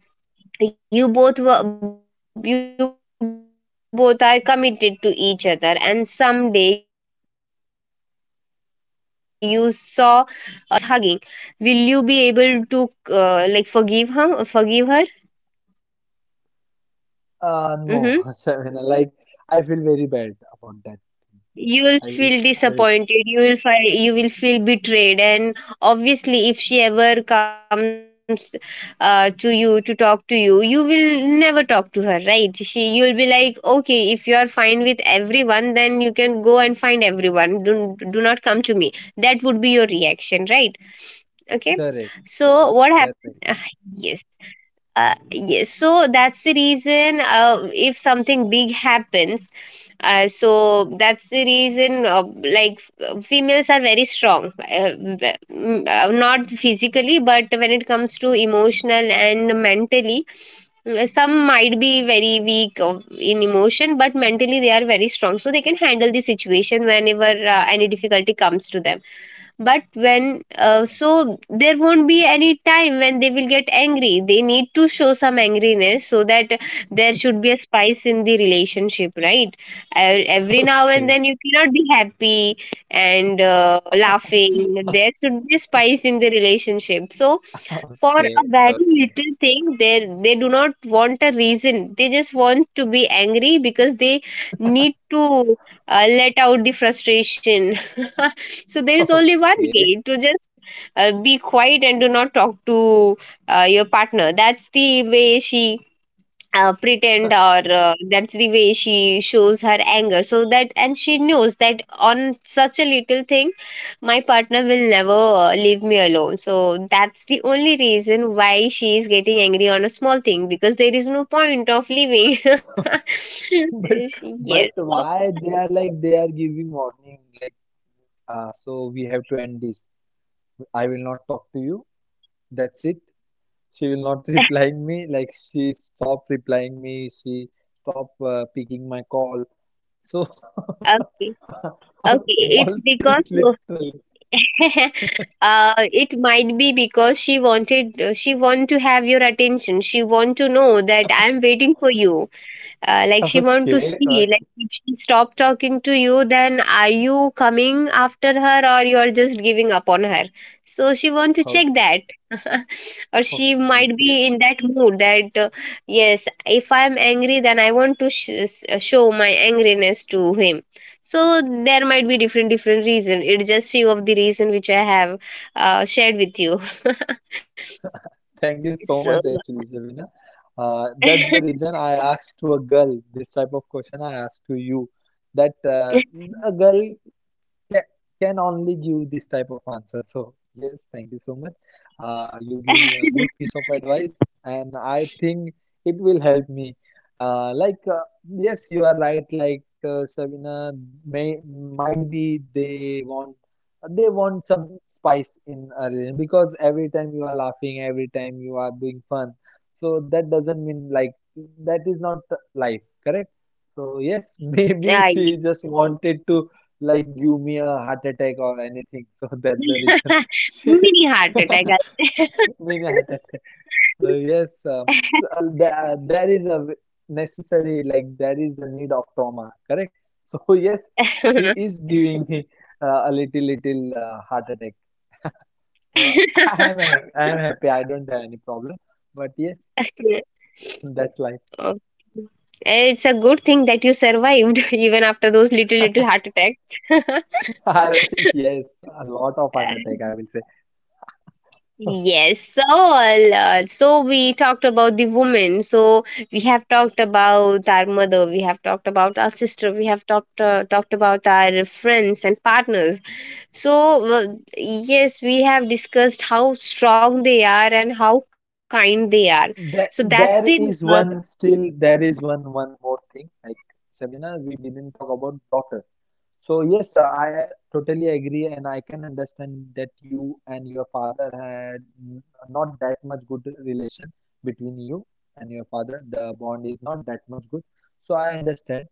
[SPEAKER 1] you both are committed to each other, and someday you saw your girlfriend with some other boy, and whom she was hugging, will you be able to forgive her, forgive her?
[SPEAKER 2] No, [laughs]
[SPEAKER 1] Mm-hmm.
[SPEAKER 2] Shabina. Like I feel very bad about that.
[SPEAKER 1] You will
[SPEAKER 2] I will,
[SPEAKER 1] feel
[SPEAKER 2] I will.
[SPEAKER 1] disappointed, you will find you will feel betrayed, and obviously if she ever comes to you to talk to you, you will never talk to her, right? She, you'll be like, okay, if you are fine with everyone, then you can go and find everyone, do, do not come to me. That would be your reaction, right? Okay.
[SPEAKER 2] Correct,
[SPEAKER 1] So what
[SPEAKER 2] correct, correct.
[SPEAKER 1] happened? [laughs] [sighs] Yes, yes, so that's the reason, if something big happens, so that's the reason, females are very strong, not physically, but when it comes to emotional and mentally, some might be very weak in emotion, but mentally they are very strong, so they can handle the situation whenever any difficulty comes to them. But when so there won't be any time when they will get angry, they need to show some angriness, so that there should be a spice in the relationship, right? Uh, every now and
[SPEAKER 2] Okay,
[SPEAKER 1] then you cannot be happy and laughing. There should be a spice in the relationship. So
[SPEAKER 2] okay, [laughs]
[SPEAKER 1] for a
[SPEAKER 2] okay,
[SPEAKER 1] very
[SPEAKER 2] okay.
[SPEAKER 1] little thing, they do not want a reason, they just want to be angry, because they need to let out the frustration. [laughs] So there is
[SPEAKER 2] [laughs]
[SPEAKER 1] only one
[SPEAKER 2] Okay.
[SPEAKER 1] way, to just be quiet and do not talk to your partner. That's the way she pretend or that's the way she shows her anger, so that, and she knows that on such a little thing my partner will never leave me alone. So that's the only reason Why she is getting angry on a small thing? Because there is no point of leaving. [laughs]
[SPEAKER 2] But
[SPEAKER 1] Yes.
[SPEAKER 2] but
[SPEAKER 1] So,
[SPEAKER 2] why they are, like they are giving warning, like so we have to end this. I will not talk to you. That's it. She will not [laughs]
[SPEAKER 1] [laughs]
[SPEAKER 2] replying me. Like she stopped replying me. She stopped picking my call. So
[SPEAKER 1] okay,
[SPEAKER 2] [laughs] all
[SPEAKER 1] okay, it's
[SPEAKER 2] small
[SPEAKER 1] because
[SPEAKER 2] things, literally.
[SPEAKER 1] [laughs] uh, it might be because she wanted she want to have your attention, she want to know that I'm waiting for you. Like, she want to
[SPEAKER 2] Okay.
[SPEAKER 1] see like
[SPEAKER 2] Okay.
[SPEAKER 1] if she stop talking to you, then are you coming after her or you're just giving up on her? So she want to check
[SPEAKER 2] Okay.
[SPEAKER 1] that. [laughs] Or she
[SPEAKER 2] Okay.
[SPEAKER 1] might
[SPEAKER 2] Okay.
[SPEAKER 1] be in that mood that yes, if I'm angry then I want to show my angriness to him. So there might be different different reason. It's just few of the reason which I have shared with you.
[SPEAKER 2] Thank you so
[SPEAKER 1] So
[SPEAKER 2] much, actually, Shabina. That's the
[SPEAKER 1] [laughs]
[SPEAKER 2] reason I asked to a girl this type of question, I asked to you. That a girl can, can only give this type of answer. So, yes, thank you so much. You give me a good piece of advice, and I think it will help me. Uh, like, uh, yes, you are right. Like, Shabina, may might be they want, they want some spice in a relation, because every time you are laughing, every time you are doing fun, so that doesn't mean like, that is not life, correct? So yes, [laughs]
[SPEAKER 1] I,
[SPEAKER 2] maybe she just wanted to, like, give me a heart attack or anything. [laughs] So that's the reason, [laughs]
[SPEAKER 1] [laughs]
[SPEAKER 2] she
[SPEAKER 1] mini heart attack. [laughs] I
[SPEAKER 2] [laughs] mini heart attack. So yes, so,
[SPEAKER 1] [laughs]
[SPEAKER 2] there is a necessary like there is the need of trauma, correct? So [laughs] yes, she is giving me a little little heart attack. So [laughs] I am I am happy. I don't have any problem. But yes, [laughs] that's life.
[SPEAKER 1] oh. It's a good thing that you survived [laughs] even after those little little heart attacks. [laughs]
[SPEAKER 2] [laughs] Yes, a lot of heart
[SPEAKER 1] Uh,
[SPEAKER 2] attack, I will say.
[SPEAKER 1] Yes, so so we talked about the women. So we have talked about our mother. We have talked about our sister. We have talked about our friends and partners. So uh, yes, we have discussed how strong they are and how kind they are. So
[SPEAKER 2] That
[SPEAKER 1] that's the
[SPEAKER 2] there
[SPEAKER 1] uh,
[SPEAKER 2] is one still there is one one more thing, like, Shamina, we didn't talk about daughter. So yes, I totally agree, and I can understand that you and your father had n- not that much good relation between you and your father. The bond is not that much good, so I understand.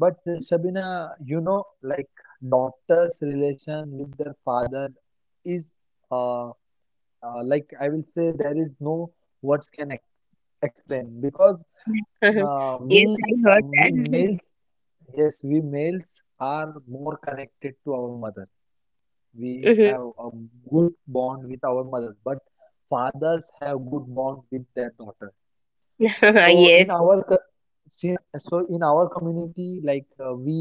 [SPEAKER 2] But Shabina, you know, like, daughter's relation with their father is, uh, like, I will say, there is no words can explain, because
[SPEAKER 1] [laughs]
[SPEAKER 2] uh,
[SPEAKER 1] yes,
[SPEAKER 2] we
[SPEAKER 1] I heard
[SPEAKER 2] we
[SPEAKER 1] that.
[SPEAKER 2] males, yes, we males are more connected to our mother. We
[SPEAKER 1] [laughs] Mhm.
[SPEAKER 2] have a good bond with our mothers, but fathers have good bond with their daughters. So
[SPEAKER 1] [laughs]
[SPEAKER 2] in
[SPEAKER 1] Yes.
[SPEAKER 2] our so in our community, like, we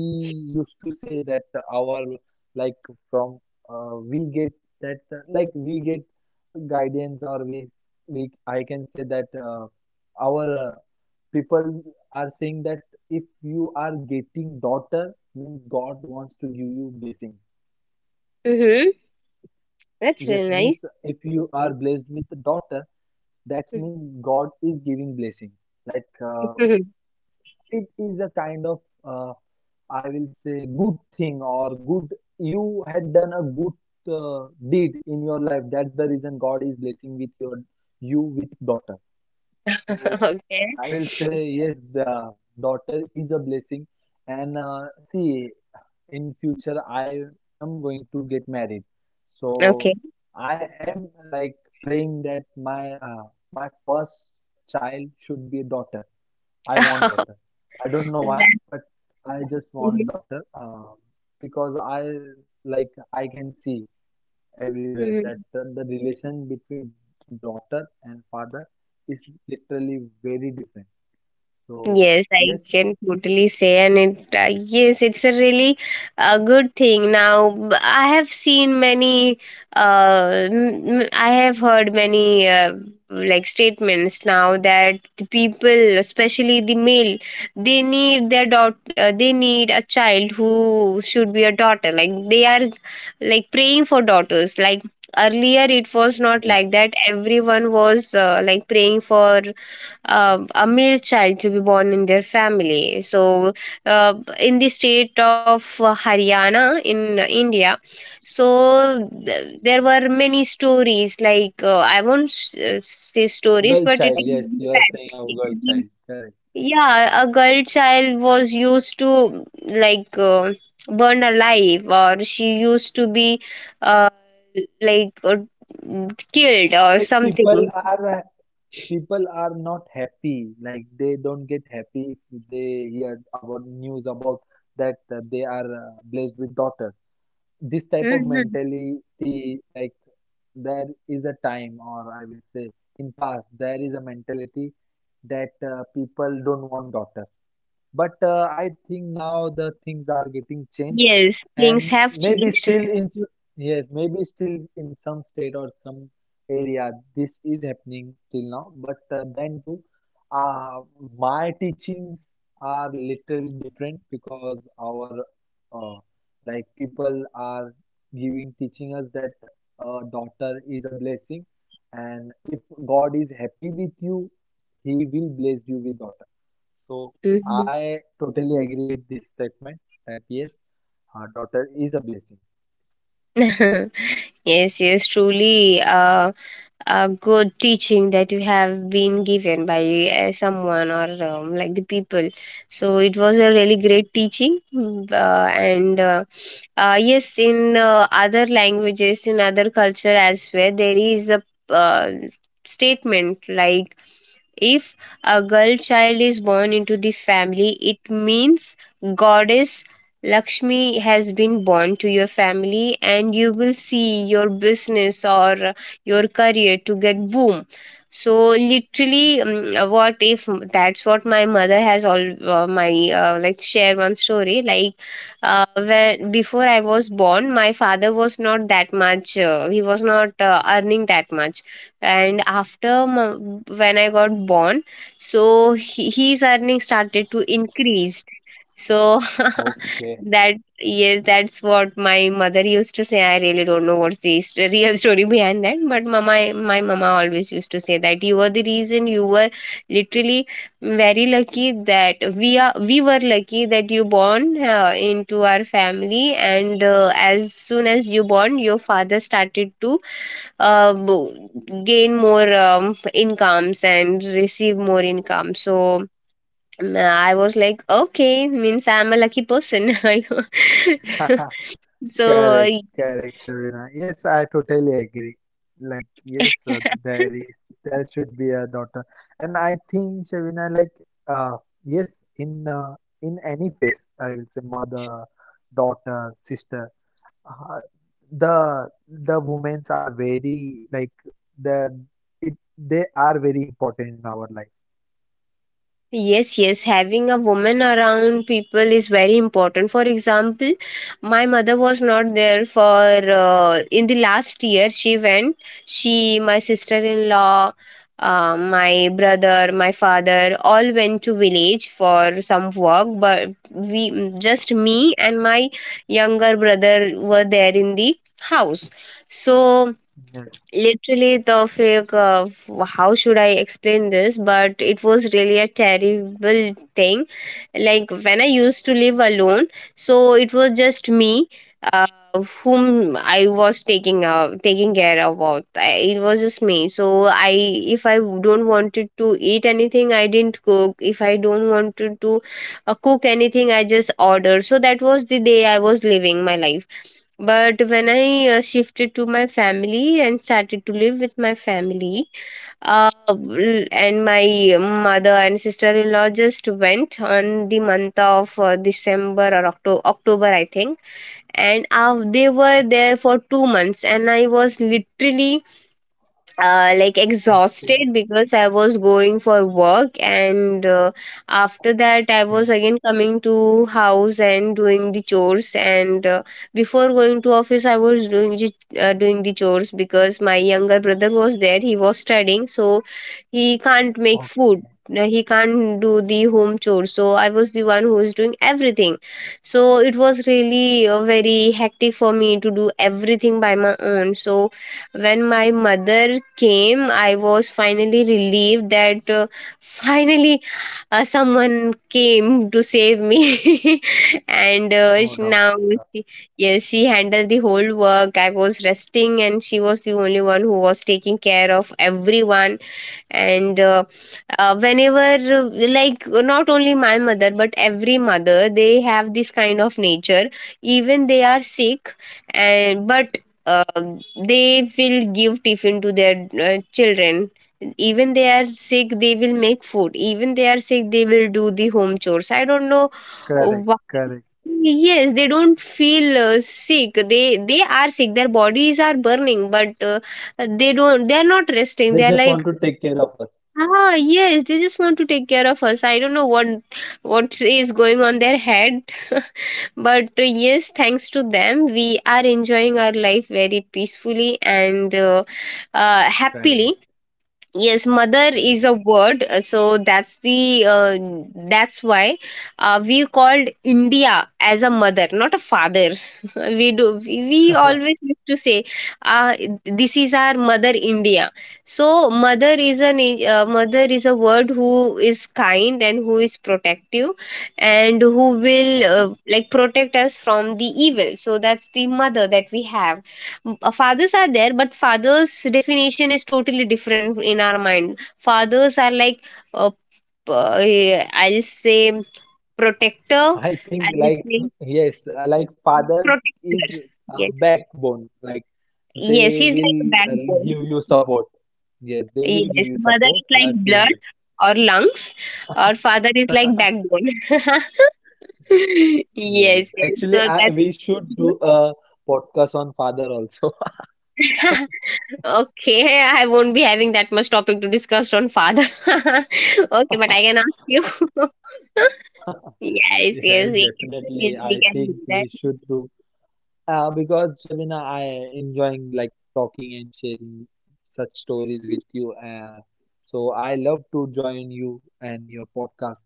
[SPEAKER 2] used to say that our, like, from, we get that, like, we get guidance, or we I can say that our people are saying that if you are getting daughter means God wants to give you blessing.
[SPEAKER 1] Hmm. That's
[SPEAKER 2] Yes,
[SPEAKER 1] really nice.
[SPEAKER 2] means if you are blessed with daughter, that means
[SPEAKER 1] [laughs]
[SPEAKER 2] God is giving blessing. Like, uh,
[SPEAKER 1] Mhm.
[SPEAKER 2] it is a kind of, uh, I will say, good thing, or good, you had done a good deed in your life. That's the reason God is blessing with your, you with daughter. So
[SPEAKER 1] Okay.
[SPEAKER 2] I will say, yes, the daughter is a blessing. And see, in future I am going to get married. So
[SPEAKER 1] Okay.
[SPEAKER 2] I am, like, praying that my first child should be a daughter. I want
[SPEAKER 1] [laughs]
[SPEAKER 2] daughter. I don't know why,
[SPEAKER 1] That.
[SPEAKER 2] but I just want
[SPEAKER 1] Mhm.
[SPEAKER 2] daughter, because I, like, I can see everywhere that
[SPEAKER 1] Mhm.
[SPEAKER 2] the relation between daughter and father is literally very different. So
[SPEAKER 1] Yes, I
[SPEAKER 2] yes,
[SPEAKER 1] can totally say, and it yes, it's a really good thing. Now, I have seen many, I have heard many like statements now, that the people, especially the male, they need their daughter, they need a child who should be a daughter. Like they are like praying for daughters. Like earlier, it was not
[SPEAKER 2] yes,
[SPEAKER 1] like that. Everyone was like praying for a male child to be born in their family. So, uh, in the state of Haryana in India, so there were many stories. Like I won't say stories,
[SPEAKER 2] girl
[SPEAKER 1] but it
[SPEAKER 2] child.
[SPEAKER 1] is [laughs]
[SPEAKER 2] Yes,
[SPEAKER 1] the
[SPEAKER 2] you are saying a girl
[SPEAKER 1] fact.
[SPEAKER 2] child. Correct.
[SPEAKER 1] Yeah, a girl child was used to like burned alive, or she used to be uh, like killed or
[SPEAKER 2] Like,
[SPEAKER 1] something.
[SPEAKER 2] people are, people are not happy. Like, they don't get happy if they hear about news about that they are blessed with daughter. This type of
[SPEAKER 1] Mm-hmm.
[SPEAKER 2] mentality, like, there is a time, or I will say in past there is a mentality that people don't want daughter. But I think now the things are getting changed,
[SPEAKER 1] Yes, things
[SPEAKER 2] and
[SPEAKER 1] have
[SPEAKER 2] maybe
[SPEAKER 1] changed.
[SPEAKER 2] still in yes, maybe still in some state or some area this is happening still now. But then too, uh, my teachings are little different, because our, uh, like, people are giving teaching us that a daughter is a blessing, and if God is happy with you, He will bless you with daughter. So
[SPEAKER 1] Mhm.
[SPEAKER 2] I totally agree with this statement that yes, our daughter is a blessing.
[SPEAKER 1] [laughs] Yes, yes, truly a good teaching that you have been given by someone or like the people. So it was a really
[SPEAKER 2] Yes.
[SPEAKER 1] great teaching, and uh, yes, in other languages, in other culture as well, there is a uh, statement like, if a girl child is born into the family, it means goddess Lakshmi has been born to your family, and you will see your business or your career to get boom. So literally, what if that's what my mother has all my like share one story like where before I was born, my father was not that much. He was not earning that much, and after when I got born, so he, his earning started to increase. So [laughs]
[SPEAKER 2] Okay.
[SPEAKER 1] that yes, that's what my mother used to say. I really don't know what's the real story behind that, but mama, my mama always used to say that you were the reason. You were literally very lucky that we were lucky that you born into our family, and as soon as you born, your father started to uh, bo- gain more incomes and receive more income. So I was like okay, means I'm a lucky person.
[SPEAKER 2] [laughs]
[SPEAKER 1] [laughs]
[SPEAKER 2] Correct,
[SPEAKER 1] So
[SPEAKER 2] correct, Shavina. Yes, I totally agree. Like, yes,
[SPEAKER 1] [laughs]
[SPEAKER 2] there is, there should be a daughter. And I think Shavina, like, uh, yes, in, in any phase, I will say, mother, daughter, sister, uh, the women's are very, like, the, it, they are very important in our life.
[SPEAKER 1] yes, yes, having a woman around people is very important. For example, my mother was not there for in the last year she went. She, my sister-in-law, my brother, my father all went to village for some work, but we just me and my younger brother were there in the house. So
[SPEAKER 2] Yes.
[SPEAKER 1] literally Tawfiq, how should I explain this? But it was really a terrible thing. Like when I used to live alone, so it was just me, uh, whom I was taking taking care about. I, it was just me. So I, if I don't wanted to eat anything, I didn't cook. If I don't wanted to cook anything, I just ordered. So that was the day I was living my life. But when I shifted to my family and started to live with my family, and my mother and sister-in-law just went on the month of December or October, I think, and they were there for 2 months, and I was literally like
[SPEAKER 2] Okay.
[SPEAKER 1] exhausted because I was going for work, and after that, I
[SPEAKER 2] Okay.
[SPEAKER 1] was again coming to house and doing the chores. And before going to office, I was doing doing the chores because my younger brother was there. He was studying, so he can't make food.
[SPEAKER 2] Okay.
[SPEAKER 1] No, he can't do the home chores, so I was the one who was doing everything. So it was really very hectic for me to do everything by my own. So when my mother came, I was finally relieved that finally someone came to save me [laughs] and
[SPEAKER 2] No doubt.
[SPEAKER 1] now
[SPEAKER 2] No doubt.
[SPEAKER 1] she, yes, she handled the whole work. I was resting, and she was the only one who was taking care of everyone. And whenever uh, like not only my mother but every mother, they have this kind of nature. Even they are sick, and but uh, they will give tiffin to their children. Even they are sick, they will make food. Even they are sick, they will do the home chores. I don't know
[SPEAKER 2] Correct.
[SPEAKER 1] why.
[SPEAKER 2] Correct.
[SPEAKER 1] Yes, they don't feel sick. They are sick, their bodies are burning, but they are not resting. They
[SPEAKER 2] They
[SPEAKER 1] are
[SPEAKER 2] just
[SPEAKER 1] like
[SPEAKER 2] want to take care.
[SPEAKER 1] ah, yes, they just want to take care of us. I don't know what is going on their head, [laughs] but yes, thanks to them, we are enjoying our life very peacefully and happily.
[SPEAKER 2] Correct.
[SPEAKER 1] Yes, mother
[SPEAKER 2] Correct.
[SPEAKER 1] is a word. So that's the that's why we called India as a mother, not a father. [laughs] we do We always used to say uh, this is our mother India. So mother is an mother is a word who is kind and who is protective and who will
[SPEAKER 2] Correct.
[SPEAKER 1] like protect us from the evil. So that's the mother that we have. Fathers are there, but father's definition is totally different in our mind. Fathers are like uh, I'll say protector,
[SPEAKER 2] I think,
[SPEAKER 1] I'll
[SPEAKER 2] like,
[SPEAKER 1] say
[SPEAKER 2] yes, like, father is
[SPEAKER 1] protector.
[SPEAKER 2] a
[SPEAKER 1] Yes,
[SPEAKER 2] backbone. Like,
[SPEAKER 1] yes,
[SPEAKER 2] they
[SPEAKER 1] he's like
[SPEAKER 2] will
[SPEAKER 1] a backbone.
[SPEAKER 2] give you support. Yes, they will give
[SPEAKER 1] Yes,
[SPEAKER 2] you
[SPEAKER 1] mother
[SPEAKER 2] support
[SPEAKER 1] is like
[SPEAKER 2] if you
[SPEAKER 1] blood
[SPEAKER 2] need.
[SPEAKER 1] or lungs, or father is like backbone. [laughs] Yes,
[SPEAKER 2] Yes,
[SPEAKER 1] yes, so
[SPEAKER 2] actually, I,
[SPEAKER 1] that's
[SPEAKER 2] we should do a podcast on father also. [laughs]
[SPEAKER 1] [laughs] okay, I won't be having that much topic to discuss on father. [laughs] Okay, but I can ask you. [laughs] Yes,
[SPEAKER 2] Yes,
[SPEAKER 1] yes,
[SPEAKER 2] definitely.
[SPEAKER 1] we
[SPEAKER 2] I
[SPEAKER 1] can do
[SPEAKER 2] think
[SPEAKER 1] that.
[SPEAKER 2] we should do. Because Shabina, I enjoying, like, talking and sharing such stories with you. So I love to join you and your podcast.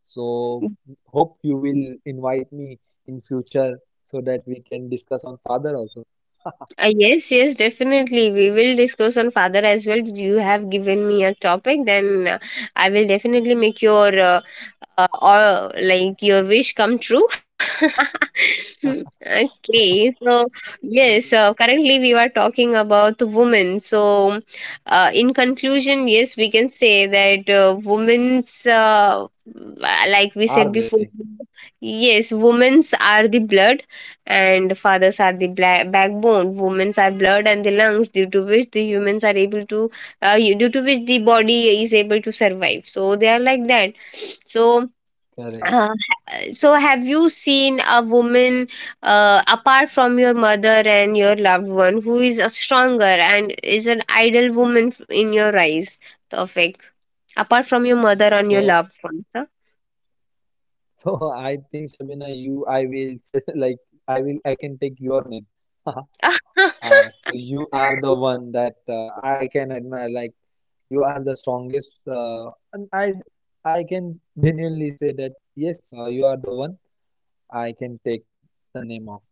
[SPEAKER 2] So hope you will invite me in future so that we can discuss on father also.
[SPEAKER 1] Yes, yes, definitely. We will discuss on father as well. You have given me a topic, then I will definitely make your or like your wish come true. [laughs] Okay, so yes, currently we were talking about women. So, in conclusion, yes, we can say that women's, like we
[SPEAKER 2] Our
[SPEAKER 1] said before,
[SPEAKER 2] blessing,
[SPEAKER 1] yes, women's are the blood and fathers are the backbone. Women's are blood and the lungs, due to which the humans are able to due to which the body is able to survive. So they are like that. So
[SPEAKER 2] correct.
[SPEAKER 1] uh, so have you seen a woman apart from your mother and your loved one, who is a stronger and is an ideal woman in your eyes, Tofik, apart from your mother and your
[SPEAKER 2] So
[SPEAKER 1] loved one, huh?
[SPEAKER 2] so [laughs] I think Shabina, you, I will such, [laughs] like, I will, I can take your name. [laughs]
[SPEAKER 1] [laughs]
[SPEAKER 2] So you are the one that I can admire. Like, you are the strongest, and I can genuinely say that yes, you are the one I can take the name of.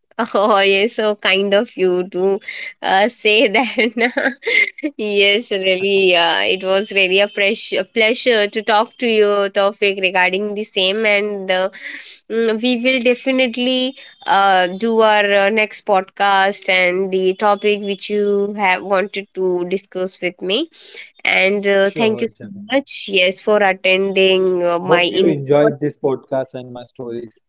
[SPEAKER 1] [laughs] Oh, yes, so kind of you to say that. [laughs] Yes, really, it was really a pressure, pleasure to talk to you, Tawfiq, regarding the same. And we will definitely do our next podcast and the topic which you have wanted to discuss with me. And thank you
[SPEAKER 2] Sure,
[SPEAKER 1] so
[SPEAKER 2] Shabina.
[SPEAKER 1] much, yes, for attending my
[SPEAKER 2] Hope you
[SPEAKER 1] invitation.
[SPEAKER 2] enjoyed this podcast and my stories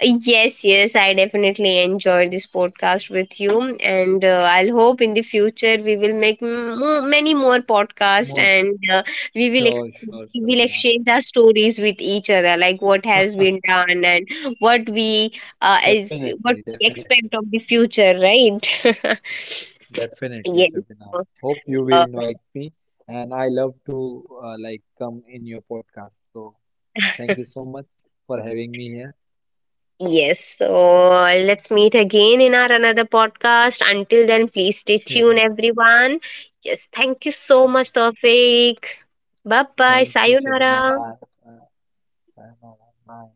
[SPEAKER 1] Yes, yes, I definitely enjoyed this podcast with you, and I'll hope in the future we will make many more podcasts,
[SPEAKER 2] more.
[SPEAKER 1] and we will ex-
[SPEAKER 2] Sure, sure,
[SPEAKER 1] we will
[SPEAKER 2] Shabina.
[SPEAKER 1] exchange our stories with each other, like what has been done and what we is
[SPEAKER 2] Definitely,
[SPEAKER 1] what we
[SPEAKER 2] definitely,
[SPEAKER 1] expect of the future, right? [laughs]
[SPEAKER 2] definitely,
[SPEAKER 1] Yes.
[SPEAKER 2] Shabina. Hope you will
[SPEAKER 1] Uh,
[SPEAKER 2] invite me, and I love to like, come in your podcast. So thank you so much for having me here.
[SPEAKER 1] Yes. So let's meet again in our another podcast. Until then, please stay
[SPEAKER 2] Sure.
[SPEAKER 1] tuned, everyone. Yes. Thank you so much, Tawfiq. Bye bye.
[SPEAKER 2] Thank you, Shabina.
[SPEAKER 1] Sayonara.
[SPEAKER 2] Bye. Uh, sayonara. Bye.